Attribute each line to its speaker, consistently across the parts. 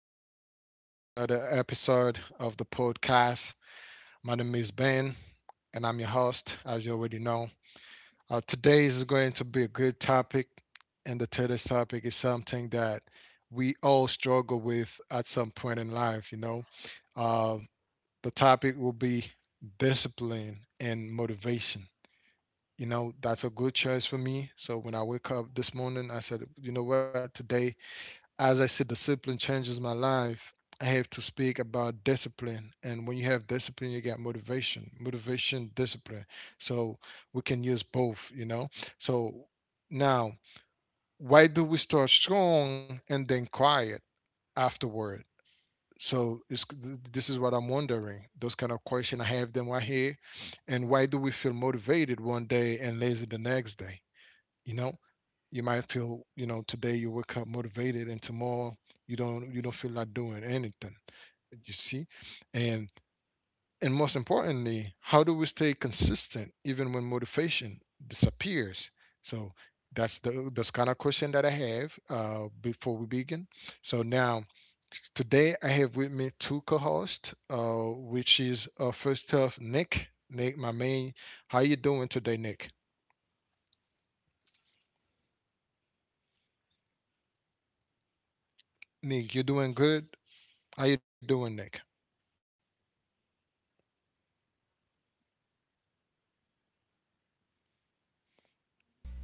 Speaker 1: and welcome back to another episode of the podcast. My name is Ben, and I'm your host, as you already know. Today is going to be a good topic, and the today's topic is something that we all struggle with at some point in life, you know. Uh, the topic will be discipline and motivation. You know, that's a good choice for me. So when I wake up this morning, I said, you know what, today as I said, discipline changes my life. I have to speak about discipline. And when you have discipline, you get motivation, motivation, discipline. So we can use both, you know? So now, why do we start strong and then quiet afterward? So this is what I'm wondering. Those kind of questions, I have them right here. And why do we feel motivated one day and lazy the next day? You know? You might feel, today you wake up motivated, and tomorrow you don't feel like doing anything, you see, and and most importantly, how do we stay consistent even when motivation disappears? So that's kind of question that I have, before we begin. So now, today I have with me two co-hosts, which is first off, Nick, my main. How you doing today, Nick? Nick, you doing good? How you doing, Nick?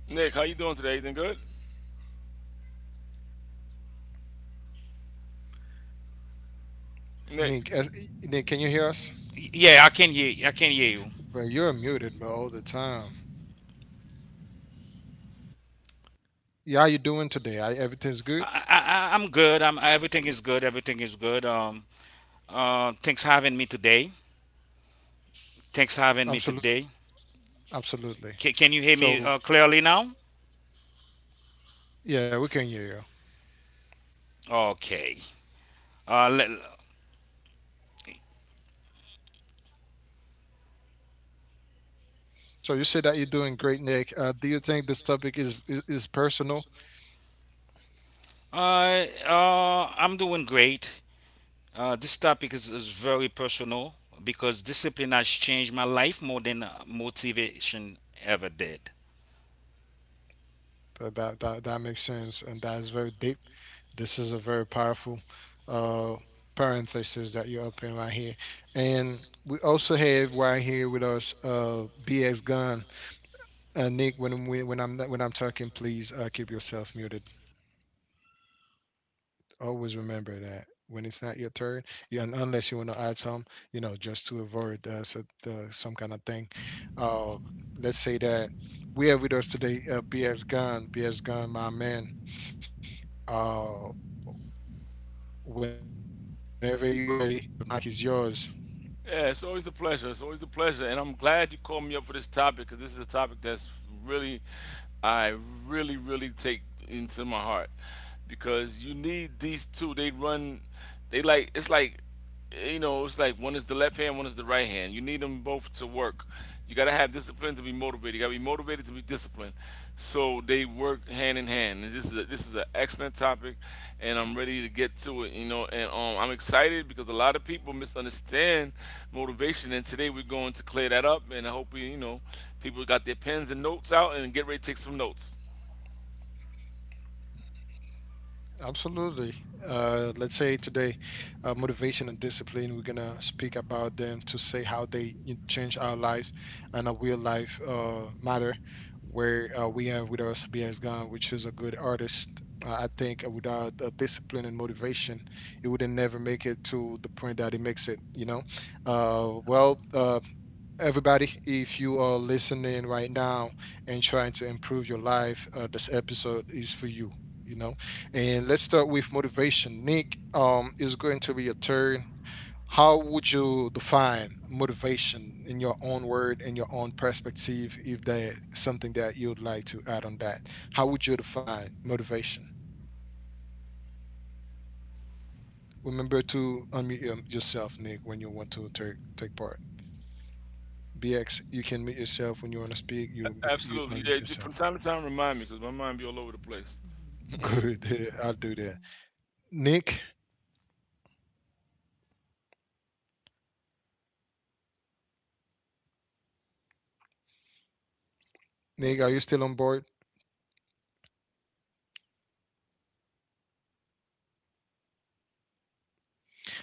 Speaker 2: Nick, how you doing today? Everything good? Nick,
Speaker 1: Nick, as, Nick, can you hear us?
Speaker 3: Yeah, I can hear. I can hear you.
Speaker 1: Bro, you're muted, bro, all the time. Yeah, how you doing today? Everything's good?
Speaker 3: I'm good. I'm Everything is good. Everything is good. Thanks having me today. Thanks having me
Speaker 1: Absolutely,
Speaker 3: today.
Speaker 1: absolutely.
Speaker 3: Ca can you hear me
Speaker 1: So,
Speaker 3: clearly now?
Speaker 1: yeah, we can hear you.
Speaker 3: Okay. Uh, let,
Speaker 1: So you say that you're doing great, Nick. Do you think this topic is personal?
Speaker 3: I'm doing great. This topic is very personal because discipline has changed my life more than motivation ever did.
Speaker 1: That makes sense, and that is very deep. This is a very powerful uh, parenthesis that you open right here, and we also have right here with us BX Gun. Nick, when I'm talking, please keep yourself muted. Always remember that when it's not your turn, and unless you want to add some, just to avoid so, some kind of thing. Uh, let's say that we have with us today BS Gun, BS Gun, my man. Uh, whenever you're ready, the mic is yours.
Speaker 2: yeah, it's always a pleasure. It's always a pleasure, and I'm glad you called me up for this topic because this is a topic that's really, I really, really take into my heart because you need these two. They run, they like it's like, it's like one is the left hand, one is the right hand. You need them both to work. You got to have discipline to be motivated. You got to be motivated to be disciplined. So they work hand in hand. And this is an excellent topic, and I'm ready to get to it. You know, and I'm excited because a lot of people misunderstand motivation, and today we're going to clear that up. And I hope we, you know, people got their pens and notes out and get ready to take some notes.
Speaker 1: Absolutely. Let's say today, motivation and discipline, we're going to speak about them to say how they change our life and our real life matter. Where we have with us BS Gunn, which is a good artist. I think without discipline and motivation, it would never make it to the point that it makes it, you know? Well, everybody, if you are listening right now and trying to improve your life, this episode is for you. You know, and let's start with motivation. Nick, is going to be your turn. How would you define motivation in your own word, in your own perspective, if there's something that you'd like to add on that? How would you define motivation? Remember
Speaker 3: Motiva-
Speaker 1: to
Speaker 3: mo-
Speaker 1: unmute
Speaker 3: mo- mo-
Speaker 1: yourself, Nick, when you
Speaker 3: mo-
Speaker 1: want
Speaker 3: mo-
Speaker 1: to take
Speaker 3: motivation is
Speaker 1: part.
Speaker 3: the feeling.
Speaker 1: BX, you can mute yourself when you want to speak. You
Speaker 2: Absolutely,
Speaker 1: unmute
Speaker 2: yeah. From
Speaker 1: yourself.
Speaker 2: time to time, remind me because my mind be all over the place.
Speaker 3: Motivation is the
Speaker 1: Good. I'll
Speaker 3: feeling
Speaker 1: do
Speaker 3: or
Speaker 1: that.
Speaker 3: desire to do something.
Speaker 1: Nick,
Speaker 3: It's emotional. Can you hear me?
Speaker 1: Nick, are you still on board?
Speaker 3: Hello?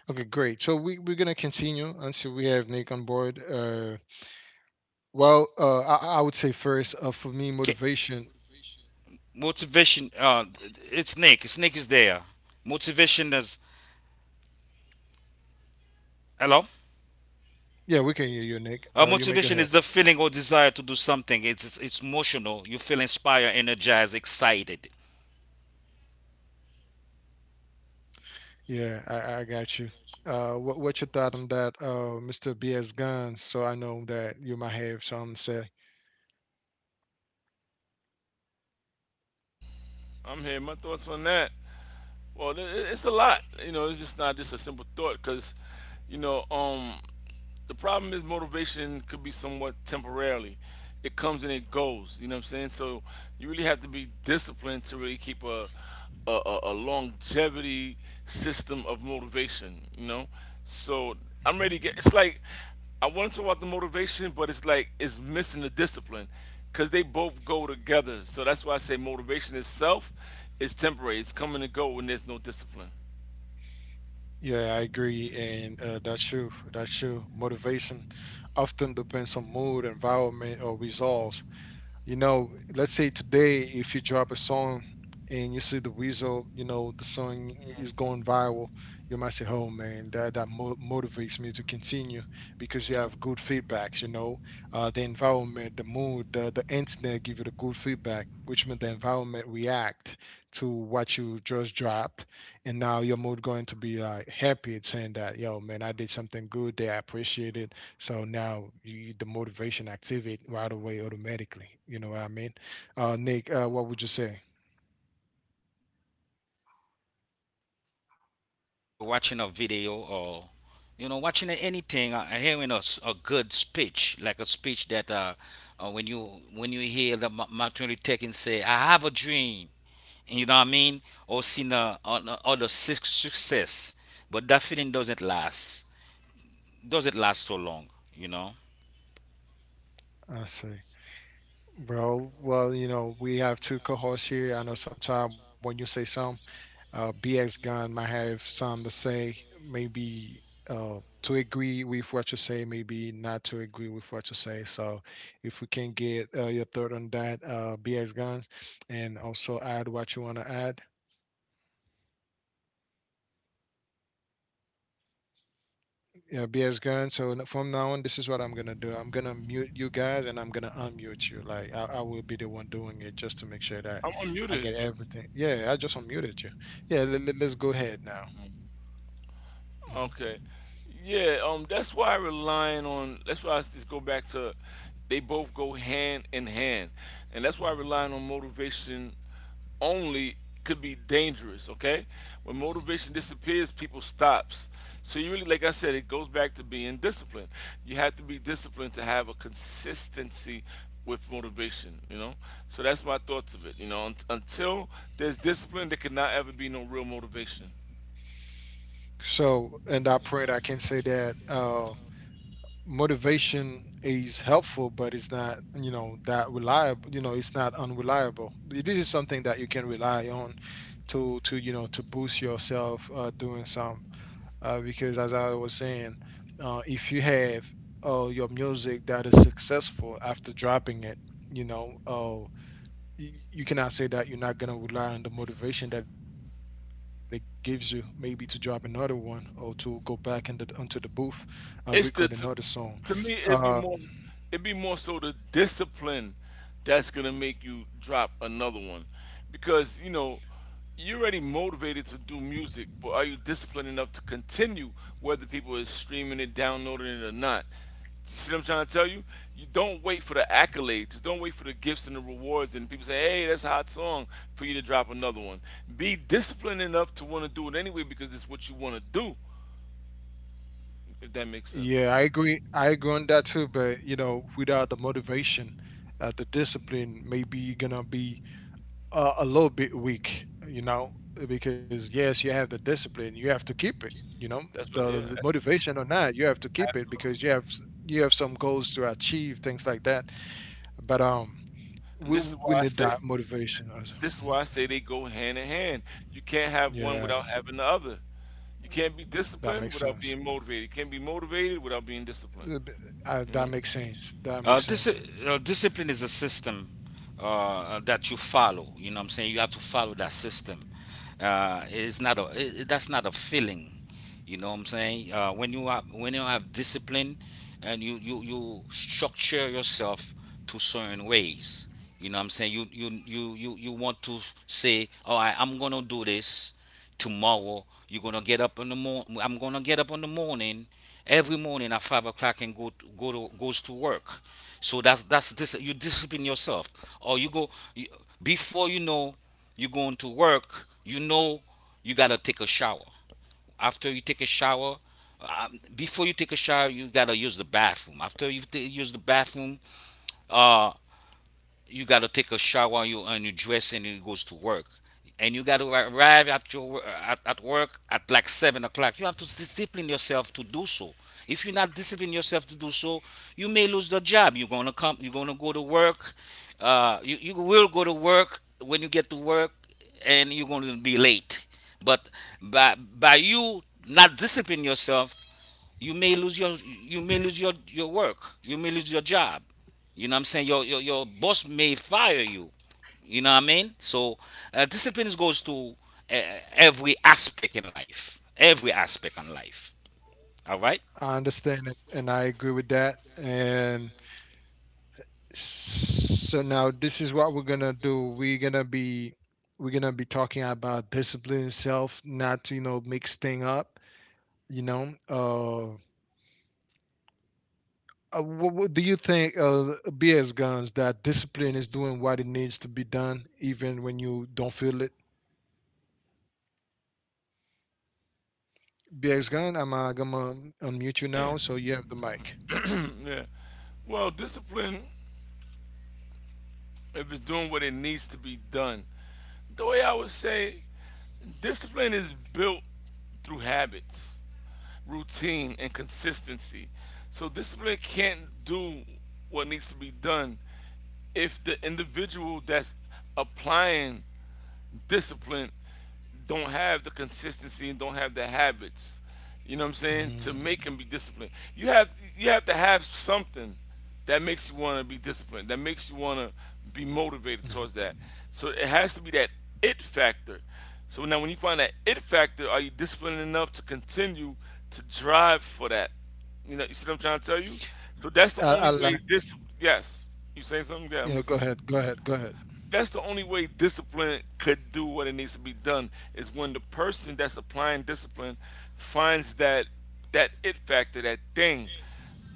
Speaker 1: Okay, great. So we're gonna continue until we have Nick on board. Well,
Speaker 3: Hello?
Speaker 1: I would say first, for
Speaker 3: Okay.
Speaker 1: me, motivation.
Speaker 3: Motivation. It's Nick. It's Nick is there. Motivation is. Hello?
Speaker 1: Yeah, we can hear you, Nick. You may go ahead.
Speaker 3: Motivation is the feeling or desire to do something. It's emotional. You feel inspired, energized, excited.
Speaker 1: Yeah, I got you. What's your thought on that, Mr. BS Guns? So I know that you might have something to say.
Speaker 2: I'm here. My thoughts on that. Well, it's a lot. You know, it's just not just a simple thought because, you know, um, the problem is motivation could be somewhat temporarily. It comes and it goes. You know what I'm saying? So you really have to be disciplined to really keep a longevity system of motivation. You know, so I'm ready to get. It's like I want to talk about the motivation, but it's like it's missing the discipline because they both go together. So that's why I say motivation itself is temporary. It's coming and go when there's no discipline.
Speaker 1: Yeah, I agree, and that's true. That's true. Motivation often depends on mood, environment, or results. Let's say today, if you drop a song and you see the result, the song is going viral, you might say, "Oh man, motivates me to continue because you have good feedbacks." You know, the environment, the mood, the internet give you the good feedback, which means the environment react to what you just dropped, and now your mood going to be like happy, it's saying that, "Yo man, I did something good. They appreciate it." So now the motivation activate right away automatically. You know what I mean? Nick, what would you say?
Speaker 3: We're watching a video or watching anything, hearing a good speech, like a speech that when you hear the Martin Luther King say, "I have a dream," you know what I mean, or seen on other success, but that feeling doesn't last so long, you know.
Speaker 1: I see. Bro, well, you know, we have two cohorts here. I know sometimes when you say some, BX Gun might have some to say, maybe uh, to agree with what you say, maybe not to agree with what you say. So if we can get your thought on that, BX Guns, and also add what you want to add. Yeah, BS Gun. So from now on, this is what I'm gonna do. I'm gonna mute you guys, and I'm gonna unmute you. Like I will be the one doing it just to make sure that
Speaker 2: I'm
Speaker 1: I
Speaker 2: unmuted.
Speaker 1: get everything. Yeah, I just unmuted you. Yeah, us go ahead now. Mm,
Speaker 2: Okay. Yeah, that's why I just go back to they both go hand in hand. And that's why
Speaker 1: mm,
Speaker 2: relying on motivation only could be dangerous, okay? When
Speaker 1: mm.
Speaker 2: motivation disappears, people stops. So you really, like I said, it goes back to being disciplined. You have to be disciplined to have a consistency with motivation, you know? So that's my thoughts of it, you know. Until there's discipline, there could not ever be no real motivation.
Speaker 1: So, and I pray that I can say that motivation is helpful, but it's not, that reliable. You know, it's not unreliable. This is something that you can rely on to boost yourself, doing some, because as I was saying, if you have your music that is successful after dropping it, you know, you cannot say that you're not gonna rely on the motivation that it gives you, maybe to drop another one or to go back into the booth, record another song.
Speaker 2: It's the to,
Speaker 1: Uh,
Speaker 2: to me, it'd be more so the discipline that's gonna make you drop another one because you know you're already motivated to do music, but are you disciplined enough to continue whether people is streaming it, downloading it or not? See what I'm trying to tell you? You don't wait for the accolades. Don't wait for the gifts and the rewards and people say, hey, that's a hot song for you to drop another one. Be disciplined enough to want to do it anyway because it's what you want to do, if that makes
Speaker 1: yeah,
Speaker 2: sense.
Speaker 1: I agree. I agree on that too. But you know, without the motivation, the discipline, maybe you're gonna be a little bit weak, you know, because yes, you have the discipline, you have to keep it, you know,
Speaker 2: That's
Speaker 1: the,
Speaker 2: what,
Speaker 1: the
Speaker 2: yeah.
Speaker 1: motivation or not, you have to keep it
Speaker 2: Absolutely.
Speaker 1: because you have some goals to achieve, things like that. But
Speaker 2: And
Speaker 1: we we we need that motivation.
Speaker 2: this is
Speaker 1: Mhm.
Speaker 2: why I say they go hand in hand. You can't have one
Speaker 1: Yeah,
Speaker 2: without having the other. You can't be
Speaker 1: that
Speaker 2: disciplined
Speaker 1: makes
Speaker 2: without
Speaker 1: sense.
Speaker 2: being motivated. You can't be motivated without being disciplined.
Speaker 1: Uh, b- uh,
Speaker 2: You know?
Speaker 1: that makes sense. That
Speaker 3: Uh,
Speaker 1: makes
Speaker 3: dis-
Speaker 1: sense.
Speaker 3: Discipline is a system that you follow. You know what I'm saying? You have to follow that system. It's not a, that's not a feeling. You know what I'm saying? When you have discipline and you structure yourself to certain ways. You know what I'm saying? You want to say, "All right, I'm gonna do this tomorrow. You're gonna get up in the morning. I'm gonna get up in the morning every morning at 5 o'clock and go to, go to goes to work." So that's this. You discipline yourself, or before you know you're going to work. You know you gotta take a shower. After you take a shower, before you take a shower, you gotta use the bathroom. After you use the bathroom, uh, you got to take a shower and you dress and you goes to work, and you got to arrive at your wo- at work at like 7 o'clock. You have to discipline yourself to do so. If you're not disciplining yourself to do so, you may lose the job. You're gonna go to work. You will go to work. When you get to work, and you're gonna be late. But by you not disciplining yourself, you may lose your, your work. You may lose your job. You know what I'm saying? Your boss may fire you. You know what I mean? So discipline goes to every aspect in life. Every aspect in life. All right.
Speaker 1: I understand it, and I agree with that. And so now this is what we're gonna do. We're gonna be talking about discipline itself, not to mix thing up. You know, what do you think, BS Guns, that discipline is doing what it needs to be done, even when you don't feel it? BS Gun, I'm gonna unmute you
Speaker 2: Yeah.
Speaker 1: now, so you have the mic.
Speaker 2: Yeah. Well, discipline if it's doing what it needs to be done. The way I would say discipline is built through habits, routine, and consistency. So discipline can't do what needs to be done if the individual that's applying discipline don't have the consistency and don't have the habits. You know what I'm saying?
Speaker 1: Mm,
Speaker 2: To make and be disciplined, you have to have something that makes you want to be disciplined, that makes you want to be motivated
Speaker 1: mhm.
Speaker 2: towards that. So it has to be that it factor. So now, when you find that it factor, are you disciplined enough to continue to drive for that? You know, you see what I'm trying to tell you? So that's the only
Speaker 1: I like.
Speaker 2: way this. Yes, you saying something? Yeah, I'm
Speaker 1: Yeah, go
Speaker 2: listening.
Speaker 1: ahead. Go ahead. Go ahead.
Speaker 2: That's the only way discipline could do what it needs to be done is when the person that's applying discipline finds that that it factor, that thing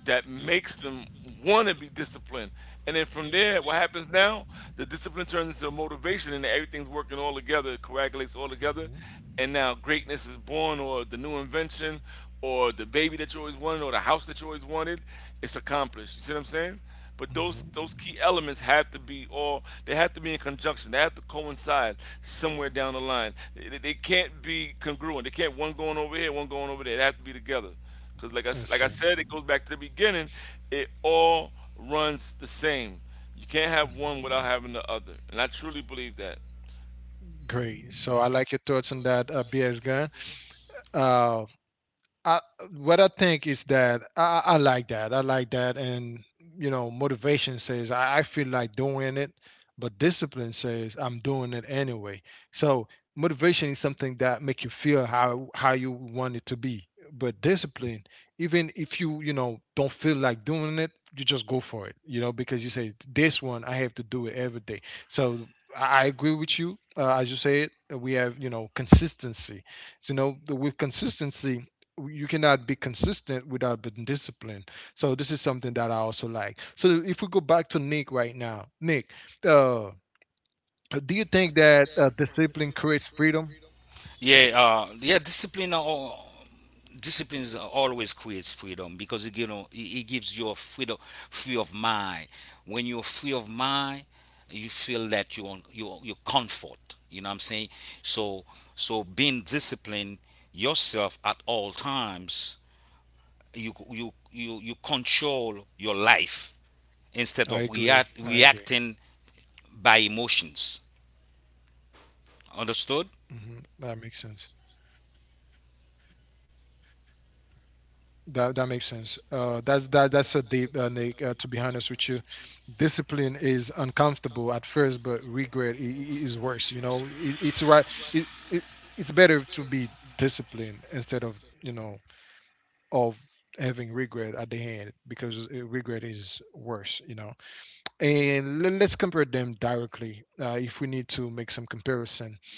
Speaker 2: that makes them want to be disciplined. And then from there, what happens now, the discipline turns into a motivation and everything's working all together, coagulates all together,
Speaker 1: Hmm.
Speaker 2: and now greatness is born, or the new invention, or the baby that you always wanted, or the house that you always wanted, it's accomplished. You see what I'm saying? But those
Speaker 1: Hmm.
Speaker 2: those key elements have to be all, they have to be in conjunction. They have to coincide somewhere down the line. They can't be congruent. They can't one going over here, one going over there. They have to be together. Because
Speaker 1: I
Speaker 2: like I
Speaker 1: see.
Speaker 2: said, it goes back to the beginning. It all runs the same. You can't have one without having the other. And I truly believe that.
Speaker 1: Great. So I like your thoughts on that, BS Gun. Uh, I, what I think is that I like that. I like that, and you know, motivation says I feel like doing it, but discipline says I'm doing it anyway. So motivation is something that make you feel how you want it to be, but discipline, even if you you know don't feel like doing it, you just go for it. You know, because you say this one I have to do it every day. So I agree with you. As you say it, we have consistency. So, you know, with consistency you cannot be consistent without being disciplined. So this is something that I also like. So if we go back to Nick right now, Nick, uh, do you think that discipline creates freedom?
Speaker 3: Yeah, yeah. Discipline is always creates freedom because it gives you a freedom, free of mind. When you're free of mind, you feel that you comfort. You know what I'm saying? So being disciplined yourself at all times, you control your life instead of
Speaker 1: I agree. I
Speaker 3: reacting
Speaker 1: agree.
Speaker 3: by emotions. Understood?
Speaker 1: Hmm. That makes sense. That makes sense. That's a deep, Nick. To be honest with you, discipline is uncomfortable at first, but regret is worse. You know, it's right. It, it, it's better to be disciplined instead of you know of having regret at the end, because regret is worse, you know. And let's compare them directly, if we need to make some comparison.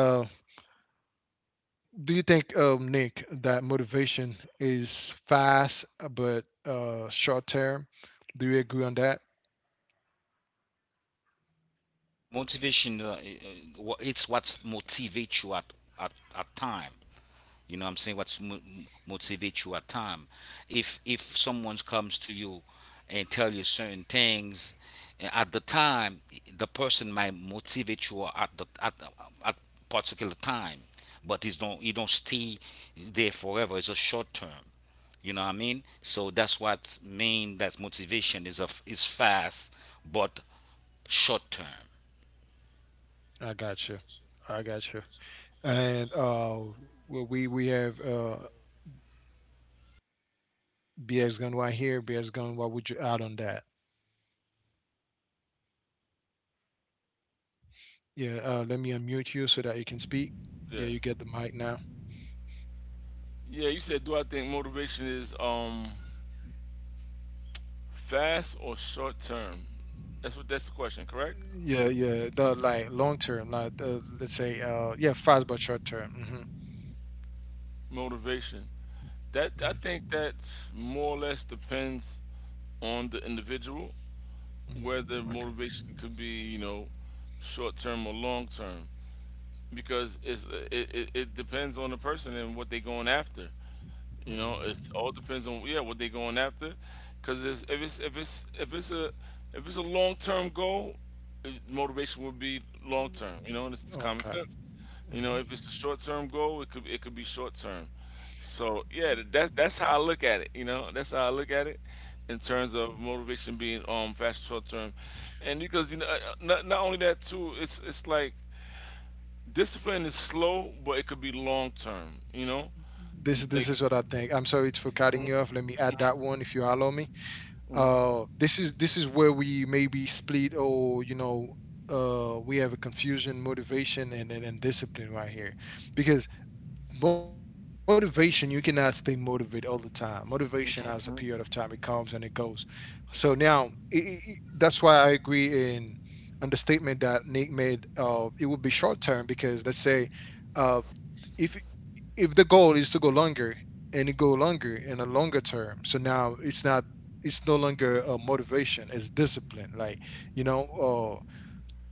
Speaker 1: Uh, do you think, Nick, that motivation is fast, but short term? Do you agree on that?
Speaker 3: Motivation, it's what motivates you at, at at time. You know what I'm saying? What's motivates you at time? If someone comes to you and tell you certain things, at the time, the person might motivate you at the at particular time. But it don't stay there forever. It's a short term. You know what I mean? So that's what mean that motivation is of is fast but short term.
Speaker 1: I got you. I got you. And well, we have BS Gun right here. BS Gun, what would you add on that? Yeah, let me unmute you so that you can speak.
Speaker 2: Yeah.
Speaker 1: Yeah, you get the mic now.
Speaker 2: Yeah, you said, do I think motivation is fast or short term? That's the question, correct?
Speaker 1: Yeah, yeah. No, like long term, not let's say, yeah, fast but short term. Hmm.
Speaker 2: Motivation. That, I
Speaker 1: Yeah.
Speaker 2: think that, more or less depends on the individual,
Speaker 1: Hmm.
Speaker 2: whether
Speaker 1: Okay.
Speaker 2: motivation could be, you know, short term or long term, because it depends on the person and what they're going after. You know, it
Speaker 1: Mm.
Speaker 2: all depends on, yeah, what they're going after. Because if it's a long term goal, motivation would be long term. You know, and it's common
Speaker 1: Okay.
Speaker 2: sense. You know,
Speaker 1: Hmm.
Speaker 2: if it's a short term goal, it could be short term. So yeah, that's how I look at it. You know, that's how I look at it in terms of motivation being fast short term, and because you know not only that too, it's like discipline is slow, but it could be long term. You know,
Speaker 1: This
Speaker 2: like.
Speaker 1: is what I think. I'm sorry for cutting you off. Let me add that one if you allow me. This is this is where we maybe split, or we have a confusion, motivation and discipline right here. Because motivation, you cannot stay motivated all the time. Motivation has a period of time, it comes and it goes. So now, that's why I agree in on the statement that Nick made. It would be short term, because let's say uh if the goal is to go longer and it go longer in a longer term, so now it's not, it's no longer a motivation, it's discipline. Like, you know uh,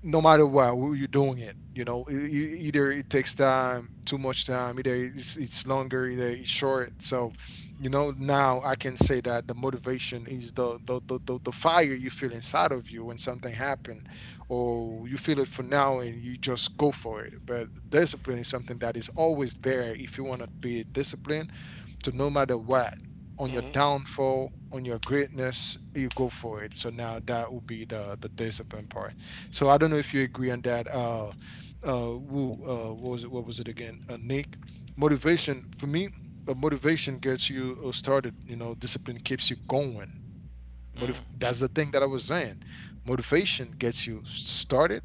Speaker 1: no matter what, you're doing it, you know, either it takes time, too much time, either it's longer, either it's short. So, you know, now I can say that the motivation is the fire you feel inside of you when something happened, or you feel it for now and you just go for it. But discipline is something that is always there if you want to be disciplined. So no matter what, on your downfall, on your greatness, you go for it. So now that would be the discipline part. So I don't know if you agree on that. Woo. What was it? What was it again? Nick, motivation for me. Motivation gets you started. You know, discipline keeps you going.
Speaker 2: Mhm.
Speaker 1: That's the thing that I was saying. Motivation gets you started,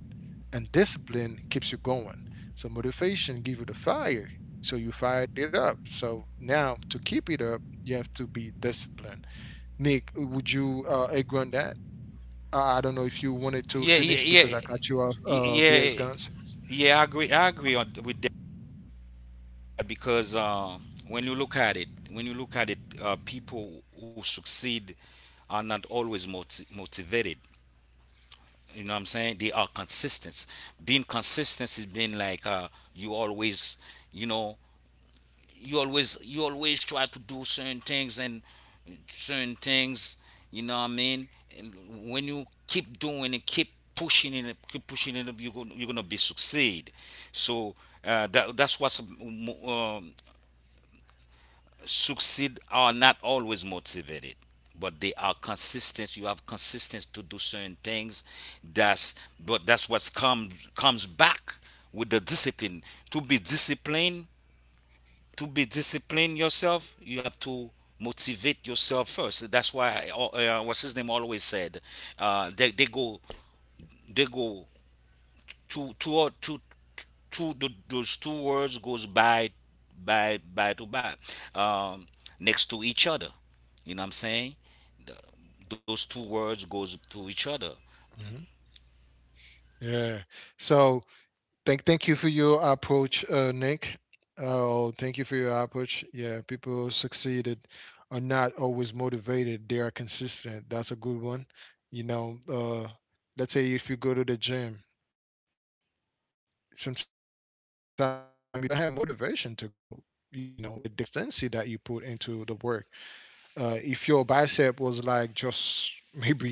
Speaker 1: and discipline keeps you going. So motivation gives you the fire, so you fired it up. So now to keep it up, you have to be disciplined. Nick, would you agree on that? I don't know if you
Speaker 3: Want
Speaker 1: wanted to
Speaker 3: Yeah, yeah,
Speaker 1: finish
Speaker 3: yeah,
Speaker 1: because I cut you off.
Speaker 3: Y-
Speaker 1: BX
Speaker 3: yeah,
Speaker 1: Guns.
Speaker 3: yeah. I agree. I agree with that because when you look at it, people who succeed are not always motivated. You know what I'm saying? They are consistent. Being consistent is being like you always, you know, you always try to do certain things and certain things. You know what I mean? And when you keep doing and keep pushing it up, you're gonna be succeed. So that's what's, succeed are not always motivated, but they are consistent. You have consistency to do certain things. That's But that's what's comes back with the discipline. To be disciplined, to be discipline yourself, you have to motivate yourself first. That's why I, what's his name always said, they go, they go to two or those two words goes by, by to by, um, next to each other. You know what I'm saying? Those two words goes to each other.
Speaker 1: Hmm. Yeah. So, thank you for your approach, Nick. Oh, thank you for your approach. Yeah, people succeeded are not always motivated. They are consistent. That's a good one. You know, let's say if you go to the gym, sometimes you don't have motivation to go. You know, but the consistency that you put into the work. If your bicep was like just maybe 3 inches,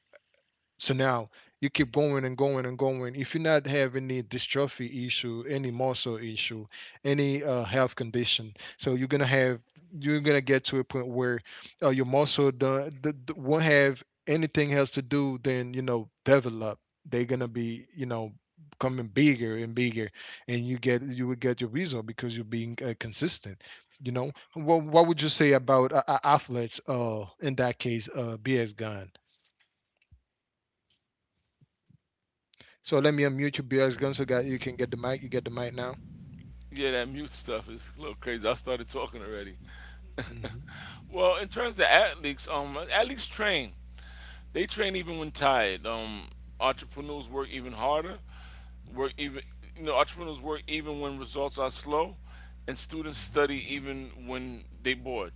Speaker 1: so now you keep going and going and going. If you not have any dystrophy issue, any muscle issue, any health condition, so you're gonna get to a point where your muscle won't have anything else to do than, you know, develop. They're gonna be, you know, becoming bigger and bigger, and you will get your result because you're being consistent. You know what? What would you say about athletes? In that case, BS gun. So let me unmute your BX gun so that you can get the mic. You get the mic now.
Speaker 2: Yeah, that mute stuff is a little crazy. I started talking already.
Speaker 1: Hmm.
Speaker 2: Well, in terms of athletes, athletes train. They train even when tired. Entrepreneurs work even harder. Work even, you know, Entrepreneurs work even when results are slow, and students
Speaker 1: Hmm.
Speaker 2: study even when they bored.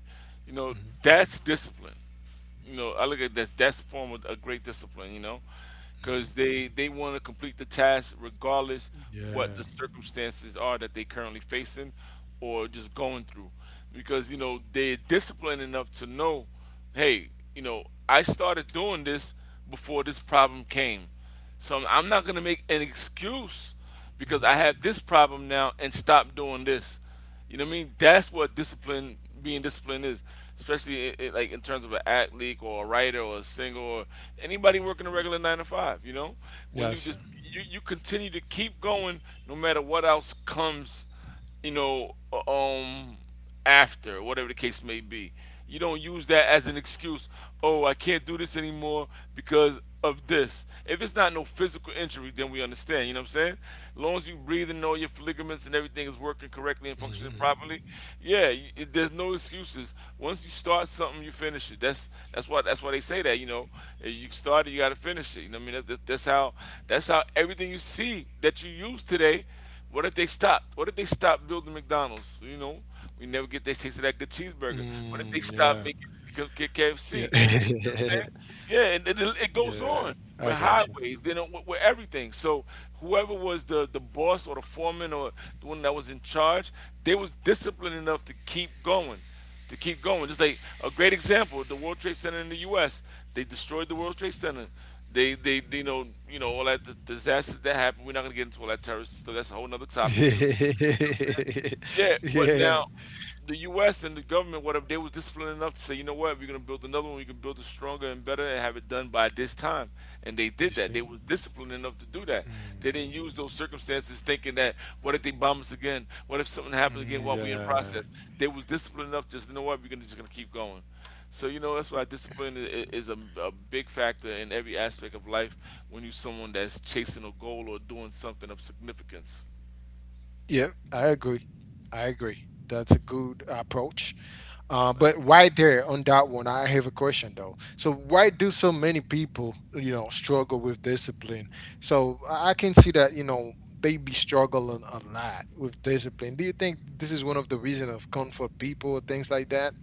Speaker 2: You know,
Speaker 1: Hmm.
Speaker 2: that's discipline. You know, I look at that. That's a form of a great discipline. You know, because
Speaker 1: Hmm.
Speaker 2: they want to complete the task regardless what the
Speaker 1: Yeah.
Speaker 2: circumstances are that they currently facing or just going through. Because you know they're disciplined enough to know, hey, you know, I started doing this before this problem came, so I'm not gonna make an excuse because I
Speaker 1: Hmm.
Speaker 2: have this problem now and stop doing this. You know what I mean? That's what discipline, being disciplined is, especially I like in terms of an athlete or a writer or a singer or anybody working a
Speaker 1: Hmm.
Speaker 2: regular 9 to 5. You know, when you just
Speaker 1: Yes, sir.
Speaker 2: you, you continue to keep going no matter what else comes. You know, after, whatever the case may be. You don't use that as an excuse. Oh, I can't do this anymore because of this. If it's not no physical injury, then we understand. You know what I'm saying? As long as you
Speaker 1: Hmm.
Speaker 2: breathe and all your ligaments and everything is working correctly and functioning properly, yeah, there's no excuses. Once you start something, you finish it. That's why they say that. You know, if you start it, you got to finish it. You know what I mean? That's how everything you see that you use today. What if they stopped? What if they stopped building McDonald's? You know, we never get that taste of
Speaker 1: Mm,
Speaker 2: that good
Speaker 1: yeah.
Speaker 2: cheeseburger. What if they stopped
Speaker 1: Yeah.
Speaker 2: making KFC? Saying? Yeah,
Speaker 1: Yeah.
Speaker 2: and it,
Speaker 1: I
Speaker 2: it
Speaker 1: got you.
Speaker 2: goes on with highways, then with, everything. So whoever was the boss or the foreman or the one that was in charge, they was disciplined enough to keep going, to keep going. Just like a great example, the World Trade Center in the U.S. They destroyed the World Trade Center. They you know, all that, the disasters that happened. We're not gonna get into all that terrorist stuff. That's a whole nother topic too.
Speaker 1: Mhm.
Speaker 2: Yeah, but
Speaker 1: Yeah.
Speaker 2: now the U.S. and the government, what if they was disciplined enough to say, you know what, we're gonna build another one, we can build it stronger and better, and have it done by this time, and they did
Speaker 1: You
Speaker 2: that.
Speaker 1: see?
Speaker 2: They were disciplined enough to do that. They didn't
Speaker 1: Mm,
Speaker 2: use those circumstances thinking that, what if they bomb us again? What if something happens again
Speaker 1: mm,
Speaker 2: while we're in
Speaker 1: yeah.
Speaker 2: process? They was disciplined enough. Just you know what, we're gonna just gonna keep going. So you know that's why discipline is a big factor in every aspect of life when you're someone that's chasing a goal or doing something of significance.
Speaker 1: Yeah. I agree. I agree. That's a good approach.
Speaker 2: That's-
Speaker 1: But right there on that one, I have a question though. So why do so many people, you know, struggle with discipline? So I can see that, you know, they be struggling a lot with discipline. Do you think this is one of the reason of comfort people or things like that?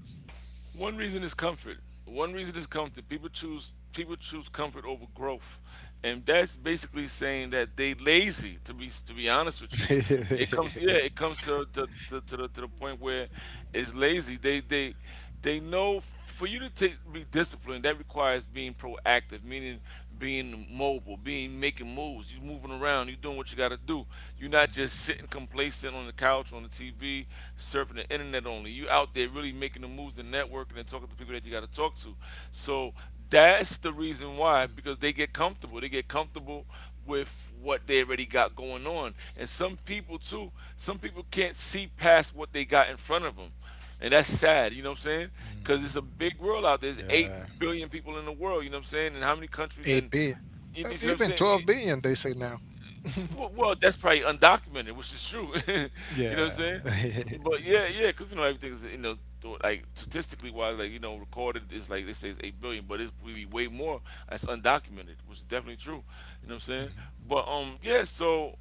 Speaker 2: One reason is comfort. One reason is comfort. People choose comfort over growth, and that's basically saying that they lazy. To be honest with you, it comes, yeah, it comes to the point where it's lazy. They They know for you to take, be disciplined. That requires being proactive, meaning being mobile, being making moves. You moving around. You doing what you got to do. You're not
Speaker 1: Mhm,
Speaker 2: just sitting complacent on the couch, on the TV, surfing the internet only. You out there really making the moves, and networking, and talking to people that you got to talk to. So that's the reason why, because they get comfortable. They get comfortable with what they already got going on. And some people too, some people can't see past what they got in front of them. And that's sad, you know
Speaker 1: mhm.
Speaker 2: what I'm saying? Because it's a big
Speaker 1: Yeah.
Speaker 2: world out there. There's 8 billion people in the world, you know what I'm saying?
Speaker 1: 8
Speaker 2: And how many
Speaker 1: billion,
Speaker 2: countries and,
Speaker 1: even
Speaker 2: you
Speaker 1: 12
Speaker 2: know what I'm
Speaker 1: billion, they
Speaker 2: saying?
Speaker 1: say
Speaker 2: It-
Speaker 1: now.
Speaker 2: well, well, that's probably undocumented, which is true.
Speaker 1: Yeah.
Speaker 2: You know what I'm saying? But yeah, yeah, because, everything's, like statistically wise, like, recorded is like, they say it's 8 billion, but it's we be way more that's undocumented, which is definitely true. You know what I'm saying?
Speaker 1: Mhm,
Speaker 2: But, yeah, so.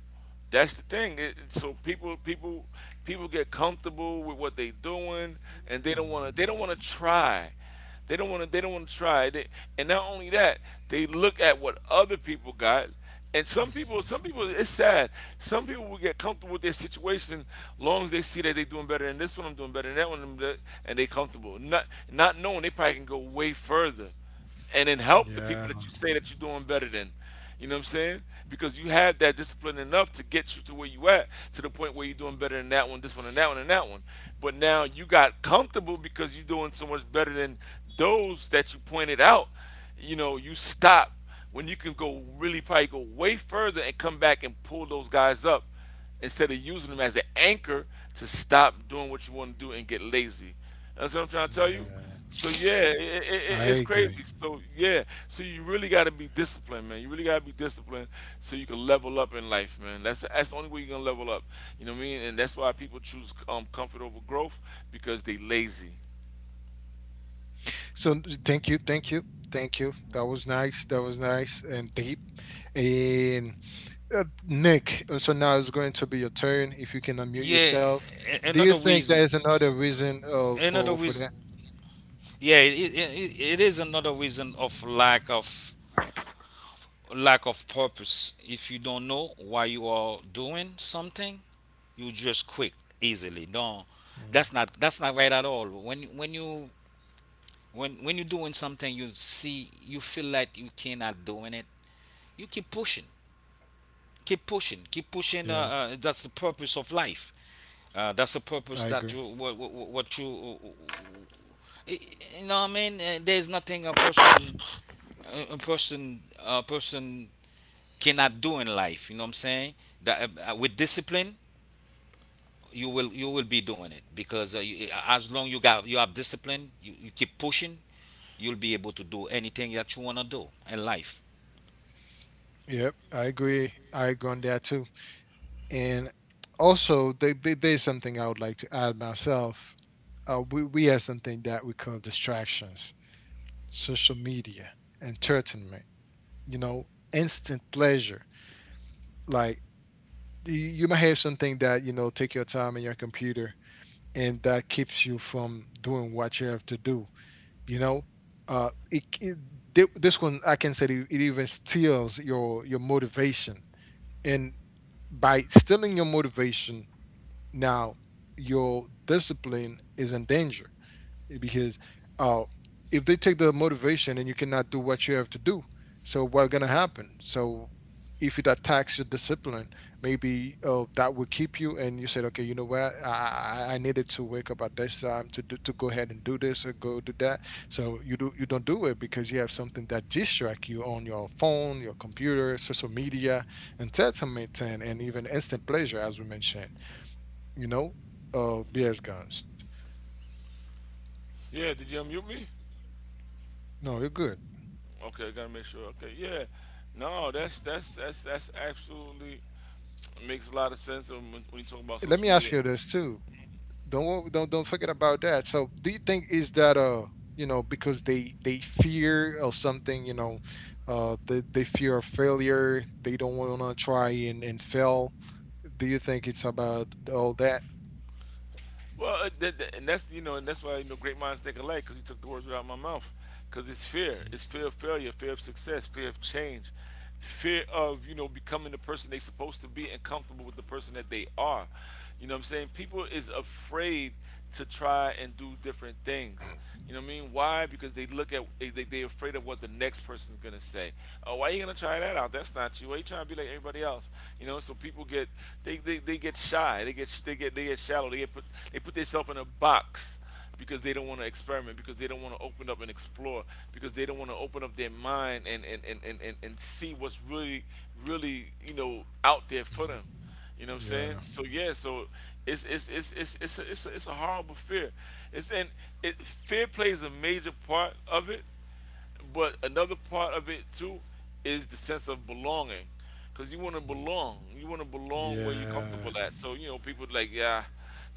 Speaker 2: That's the thing. So people get comfortable with what they doing, and they don't
Speaker 1: mm,
Speaker 2: want to. They don't want to try. They don't want to try. They, and not only that, they look at what other people got. And some
Speaker 1: mm.
Speaker 2: people, it's sad. Some people will get comfortable with their situation long as they see that they're doing better than this one, I'm doing better than that one, and they comfortable. Not knowing they probably can go way further and then help the
Speaker 1: Yeah.
Speaker 2: people that you say that you're doing better than. You know what I'm saying? Because you had that discipline enough to get you to where you at, to the point where you're doing better than that one, this one, and that one, and that one. But now you got comfortable because you're doing so much better than those that you pointed out. You know, you stop when you can go really probably go way further and come back and pull those guys up instead of using them as an anchor to stop doing what you want to do and get lazy. That's what I'm trying to tell you.
Speaker 1: Yeah.
Speaker 2: So yeah,
Speaker 1: I
Speaker 2: it's
Speaker 1: agree.
Speaker 2: crazy. So yeah, so you really got to be disciplined, man. You really got to be disciplined so you can level up in life, man. That's the only way you're gonna level up. You know what I mean? And that's why people choose comfort over growth because they lazy.
Speaker 1: So, thank you, thank you, thank you. That was nice. That was nice and deep. And Nick, so now it's going to be your turn. If you can unmute
Speaker 3: Yeah,
Speaker 1: yourself,
Speaker 3: a-
Speaker 1: do you
Speaker 3: another
Speaker 1: think
Speaker 3: reason
Speaker 1: there is another reason
Speaker 3: another
Speaker 1: for
Speaker 3: reason.
Speaker 1: that?
Speaker 3: Yeah, it is another reason of lack of purpose. If you don't know why you are doing something,
Speaker 1: Mm,
Speaker 3: you just quit easily. No, that's not right at all. When you're doing something, you see, you feel like you cannot doing it. You keep pushing,
Speaker 1: yeah,
Speaker 3: keep pushing, keep pushing. That's the purpose of life.
Speaker 1: I
Speaker 3: That's
Speaker 1: agree.
Speaker 3: the purpose that you what you you know what I mean? There's nothing a person cannot do in life. You know what I'm saying? That With discipline, you will be doing it because as long you have discipline, you keep pushing, you'll be able to do anything that you wanna do in life.
Speaker 1: Yep, I agree. I agree on that too. And also, there's something I would like to add myself. We have something that we call distractions, social media, entertainment. You know, instant pleasure. Like, you might have something that, you know, take your time in your computer and that keeps you from doing what you have to do, you know? Uh, it, it, this one I can say it, it even steals your motivation, and by stealing your motivation, now your discipline is in danger. Because uh, if they take the motivation and you cannot do what you have to do, so what's gonna happen? So if it attacks your discipline, maybe that will keep you, and you said, okay, you know what, I needed to wake up at this time to do, to go ahead and do this or go do that. So you don't do it because you have something that distracts you on your phone, your computer, social media, entertainment, and even instant pleasure, as we mentioned. You know, BS guns.
Speaker 2: Yeah, did you unmute me?
Speaker 1: No, you're good.
Speaker 2: Okay, I gotta make sure. Okay, yeah. No, that's absolutely makes a lot of sense, when you talk about
Speaker 1: Let
Speaker 2: social
Speaker 1: me ask
Speaker 2: media.
Speaker 1: you this too. Don't wo- Don't forget about that. So do you think is that you know, because they fear of something, you know, they fear of failure, they don't want to try and, fail. Do you think it's about all that?
Speaker 2: Well, and that's, you know, and that's why, you know, great minds think alike, because he took the words right out of my mouth. Because it's fear of failure, fear of success, fear of change, fear of, you know, becoming the person they supposed to be and comfortable with the person that they are. You know what I'm saying? People is afraid to try and do different things. You know what I mean? Why? Because they look at they afraid of what the next person's gonna say. Oh, why you gonna try that out? That's not you. Why you trying to be like everybody else? You know, so people get, they get shy, they get shallow, they put themselves in a box because they don't want to experiment, because they don't want to open up and explore, because they don't want to open up their mind and and see what's really, you know, out there for them.
Speaker 1: Mhm.
Speaker 2: You know what I'm saying?
Speaker 1: Yeah.
Speaker 2: So yeah, so it's a horrible fear. It's and it fear plays a major part of it, but another part of it too is the sense of belonging, because you want to
Speaker 1: Mhm.
Speaker 2: belong. You want to belong where you're comfortable
Speaker 1: Yeah.
Speaker 2: at. So, you know, people like, yeah,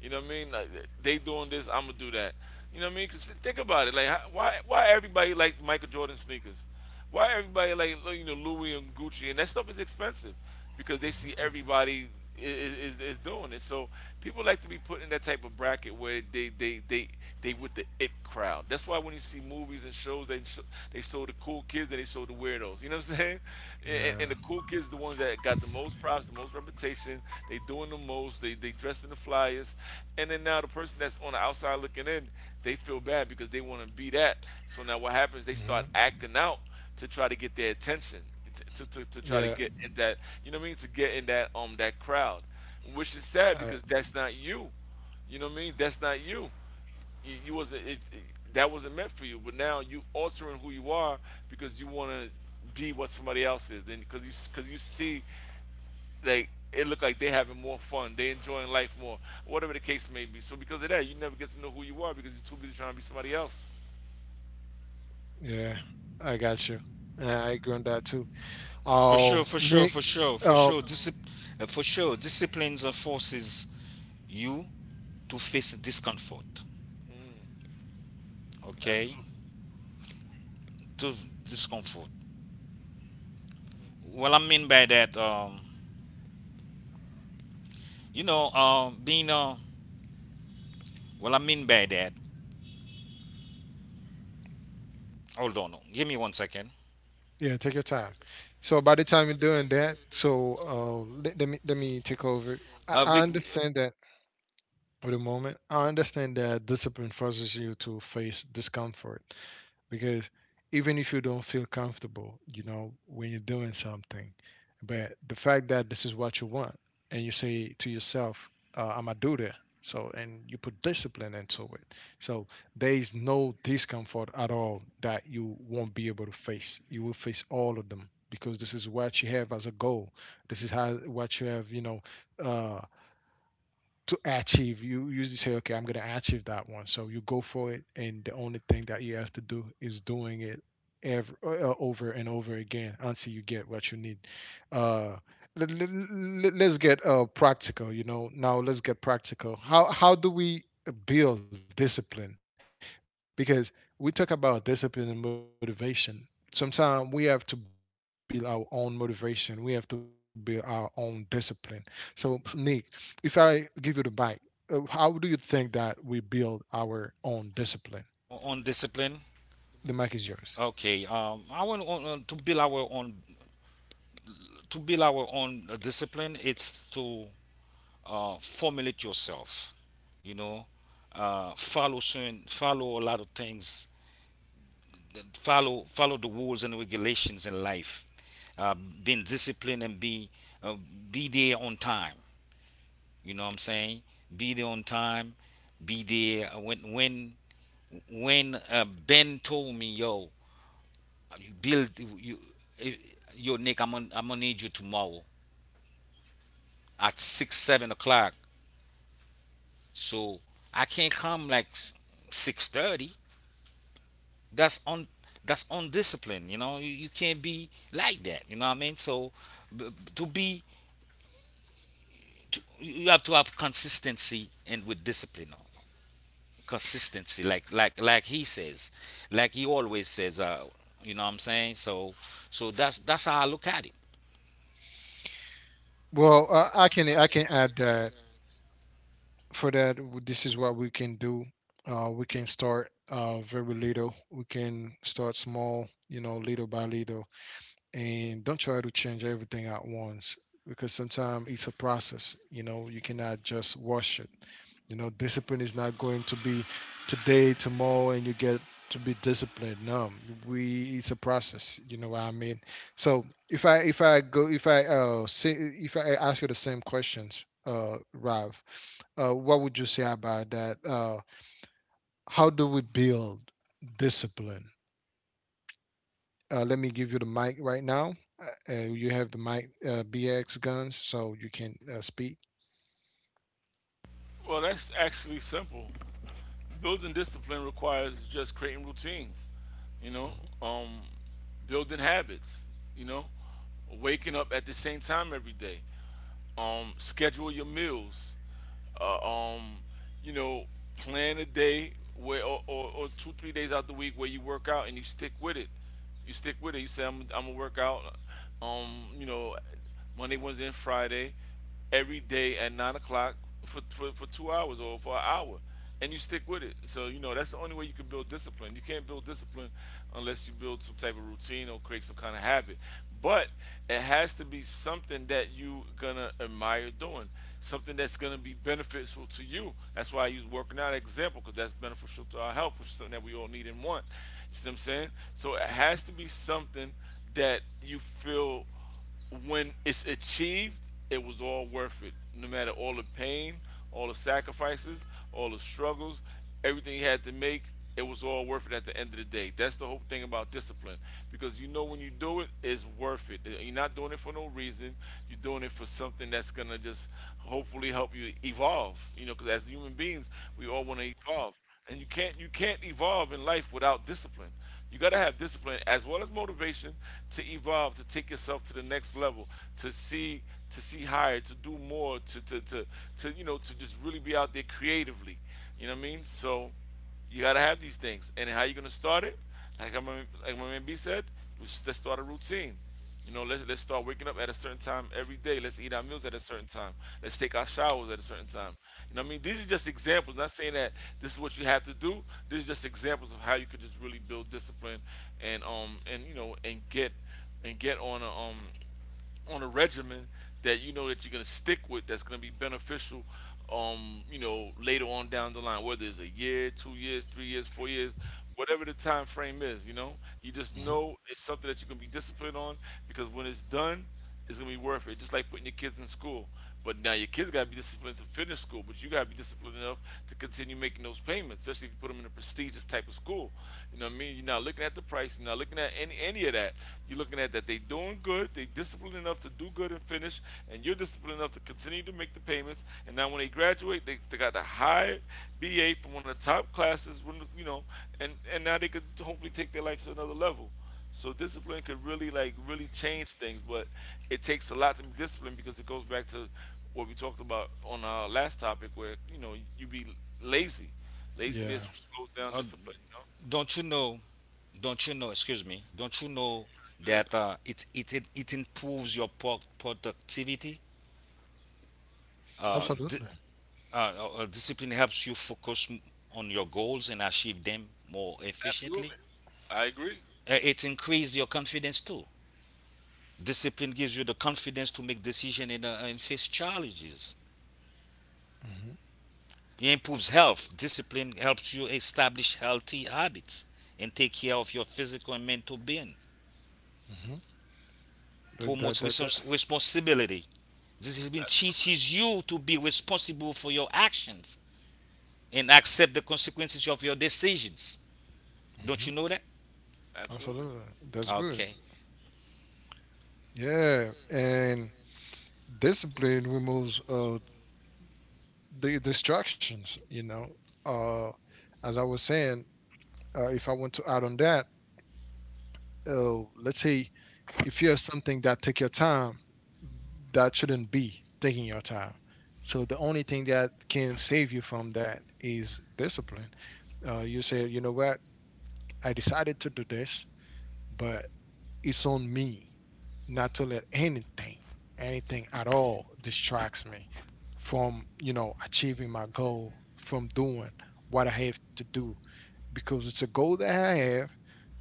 Speaker 2: you know what I mean. Like, they doing this, I'm gonna do that. You know what I mean? Because think about it. Like, how, why everybody liked Michael Jordan sneakers? Why everybody like, you know, Louis and Gucci, and that stuff is expensive because they see
Speaker 1: Mhm.
Speaker 2: everybody is doing it. So people like to be put in that type of bracket where they with the it crowd. That's why when you see movies and shows, they show the cool kids and they show the weirdos. You know what I'm saying? And the
Speaker 1: Yeah.
Speaker 2: cool kids, the ones that got the most props, the most reputation. They doing the most. They dressed in the flyers, and then now the person that's on the outside looking in, they feel bad because they want to be that. So now what happens? They
Speaker 1: Hmm.
Speaker 2: start acting out to try to get their attention, to try to
Speaker 1: Yeah.
Speaker 2: get in that, you know what I mean, to get in that that crowd, which is sad
Speaker 1: I,
Speaker 2: because that's not you, you know what I mean, that's not you. You wasn't, if that wasn't meant for you, but now you altering who you are because you want to be what somebody else is, then because you see like it look like they having more fun, they enjoying life more, whatever the case may be. So because of that, you never get to know who you are because you're too busy trying to be somebody else.
Speaker 1: yeah, I got you. I agree on that too.
Speaker 3: For sure, for sure,
Speaker 1: Nick.
Speaker 3: for sure, for
Speaker 1: Um.
Speaker 3: sure. For sure, disciplines and forces you to face discomfort.
Speaker 2: Mm,
Speaker 3: Okay,
Speaker 2: absolutely.
Speaker 3: to discomfort. What I mean by that, being what I mean by that. Hold on, give me one second.
Speaker 1: Yeah, take your time. So by the time you're doing that, so let me take over.
Speaker 3: Take over.
Speaker 1: I understand that for the moment. I understand that discipline forces you to face discomfort, because even if you don't feel comfortable, you know, when you're doing something, but the fact that this is what you want, and you say to yourself, "I'm gonna do that," and you put discipline into it, so there is no discomfort at all that you won't be able to face. You will face all of them because this is what you have as a goal. This is how what you have, you know, uh, to achieve. You usually say, okay, I'm going to achieve that one. So you go for it, and the only thing that you have to do is doing it ever over and over again until you get what you need. Uh, Us get practical. You know, now let's get practical. How do we build discipline? Because we talk about discipline and motivation. Sometimes we have to build our own motivation. We have to build our own discipline. So, Nick, if I give you the bike, how do you think that we build our own discipline? The
Speaker 3: Our
Speaker 1: mic is
Speaker 3: own
Speaker 1: yours.
Speaker 3: discipline. Okay. I want to build our own to build our own discipline. It's to formulate yourself. You know, follow a lot of things. Follow the rules and regulations in life. Uh, Being disciplined and uh, be there on time. You know what I'm saying? Be there on time. Be there when Ben told me, "Yo, you build you, yo Nick, I'm gonna need you tomorrow at six seven o'clock." So I can't come like 6:30. That's on that's undisciplined. You know, you can't be like that. You know what I mean? So b- to be you have to have consistency and with discipline. Consistency, like he says, like he always says. You know what I'm saying? So that's how I look at it.
Speaker 1: Well, I can add that for that, this is what we can do. We can start very little. We can start small, you know, little by little. And don't try to change everything at once, because sometimes it's a process. You know, you cannot just wash it. You know, discipline is not going to be today, tomorrow, and you get to be disciplined. No, we it's a process, you know what I mean? So if I go if I say if I ask you the same questions, Rav, what would you say about that? How do we build discipline? Let me give you the mic right now. You have the mic, BX guns, so you can speak.
Speaker 2: Well, that's actually simple. Building discipline requires just creating routines, you know, um, building habits, you know, waking up at the same time every day, schedule your meals, uh, um, you know, plan a day where, or two, 3 days out the week where you work out and you stick with it. You stick with it. You say, I'm going to work out, you know, Monday, Wednesday, and Friday every day at 9 o'clock for 2 hours or for an hour, and you stick with it. So you know that's the only way you can build discipline. You can't build discipline unless you build some type of routine or create some kind of habit. But it has to be something that you gonna admire doing, something that's gonna be beneficial to you. That's why I use working out example, because that's beneficial to our health, which is something that we all need and want. You see what I'm saying? So it has to be something that you feel, when it's achieved, it was all worth it. No matter all the pain, all the sacrifices, all the struggles, everything he had to make, it was all worth it at the end of the day. That's the whole thing about discipline. Because you know when you do it, it's worth it. You're not doing it for no reason. You're doing it for something that's going to just hopefully help you evolve. You know, because as human beings, we all want to evolve. And you can't evolve in life without discipline. You got to have discipline as well as motivation to evolve, to take yourself to the next level, to see, to see higher, to do more, to, you know, to just really be out there creatively. You know what I mean? So you got to have these things. And how you going to start it? Like, like my man B said, let's start a routine. You know, let's start waking up at a certain time every day. Let's eat our meals at a certain time. Let's take our showers at a certain time. You know what I mean, these are just examples. Not saying that this is what you have to do. These are just examples of how you could just really build discipline and you know and get on a on a regimen that you know that you're gonna stick with, that's gonna be beneficial, um, you know, later on down the line, whether it's a year, 2 years, 3 years, 4 years, whatever the time frame is. You know, you just
Speaker 1: Hmm.
Speaker 2: know it's something that you're gonna be disciplined on, because when it's done it's gonna be worth it, just like putting your kids in school. But now your kids got to be disciplined to finish school, but you got to be disciplined enough to continue making those payments, especially if you put them in a prestigious type of school. You know what I mean? You're not looking at the price, you're not looking at any of that. You're looking at that they are doing good, they are disciplined enough to do good and finish, and you're disciplined enough to continue to make the payments. And now when they graduate, they got the high BA from one of the top classes, you know, and now they could hopefully take their life to another level. So discipline could really like really change things, but it takes a lot to be disciplined, because it goes back to what we talked about on our last topic, where you know you be lazy. Laziness
Speaker 1: Yeah,
Speaker 2: slows down discipline. You know,
Speaker 3: don't you know don't you know, excuse me, don't you know
Speaker 2: yeah,
Speaker 3: that it improves your productivity, uh, di-
Speaker 1: absolutely.
Speaker 3: uh, discipline helps you focus on your goals and achieve them more efficiently.
Speaker 2: absolutely. I agree.
Speaker 3: It increases your confidence too. Discipline gives you the confidence to make decisions and face challenges.
Speaker 1: Hmm.
Speaker 3: It improves health. Discipline helps you establish healthy habits and take care of your physical and mental being.
Speaker 1: Hmm. That, that,
Speaker 3: Promotes
Speaker 1: that, that.
Speaker 3: responsibility. This has been
Speaker 2: A-
Speaker 3: Teaches you to be responsible for your actions and accept the consequences of your decisions. Don't
Speaker 1: Hmm.
Speaker 3: you know that?
Speaker 2: Absolutely,
Speaker 1: Absolutely. That's good.
Speaker 3: Okay.
Speaker 1: Yeah. And discipline removes the distractions, you know. Uh, as I was saying, if I want to add on that, let's say if you're something that take your time, that shouldn't be taking your time. So the only thing that can save you from that is discipline. You say, you know what, I decided to do this, but it's on me not to let anything, anything at all distracts me from, you know, achieving my goal, from doing what I have to do because it's a goal that I have.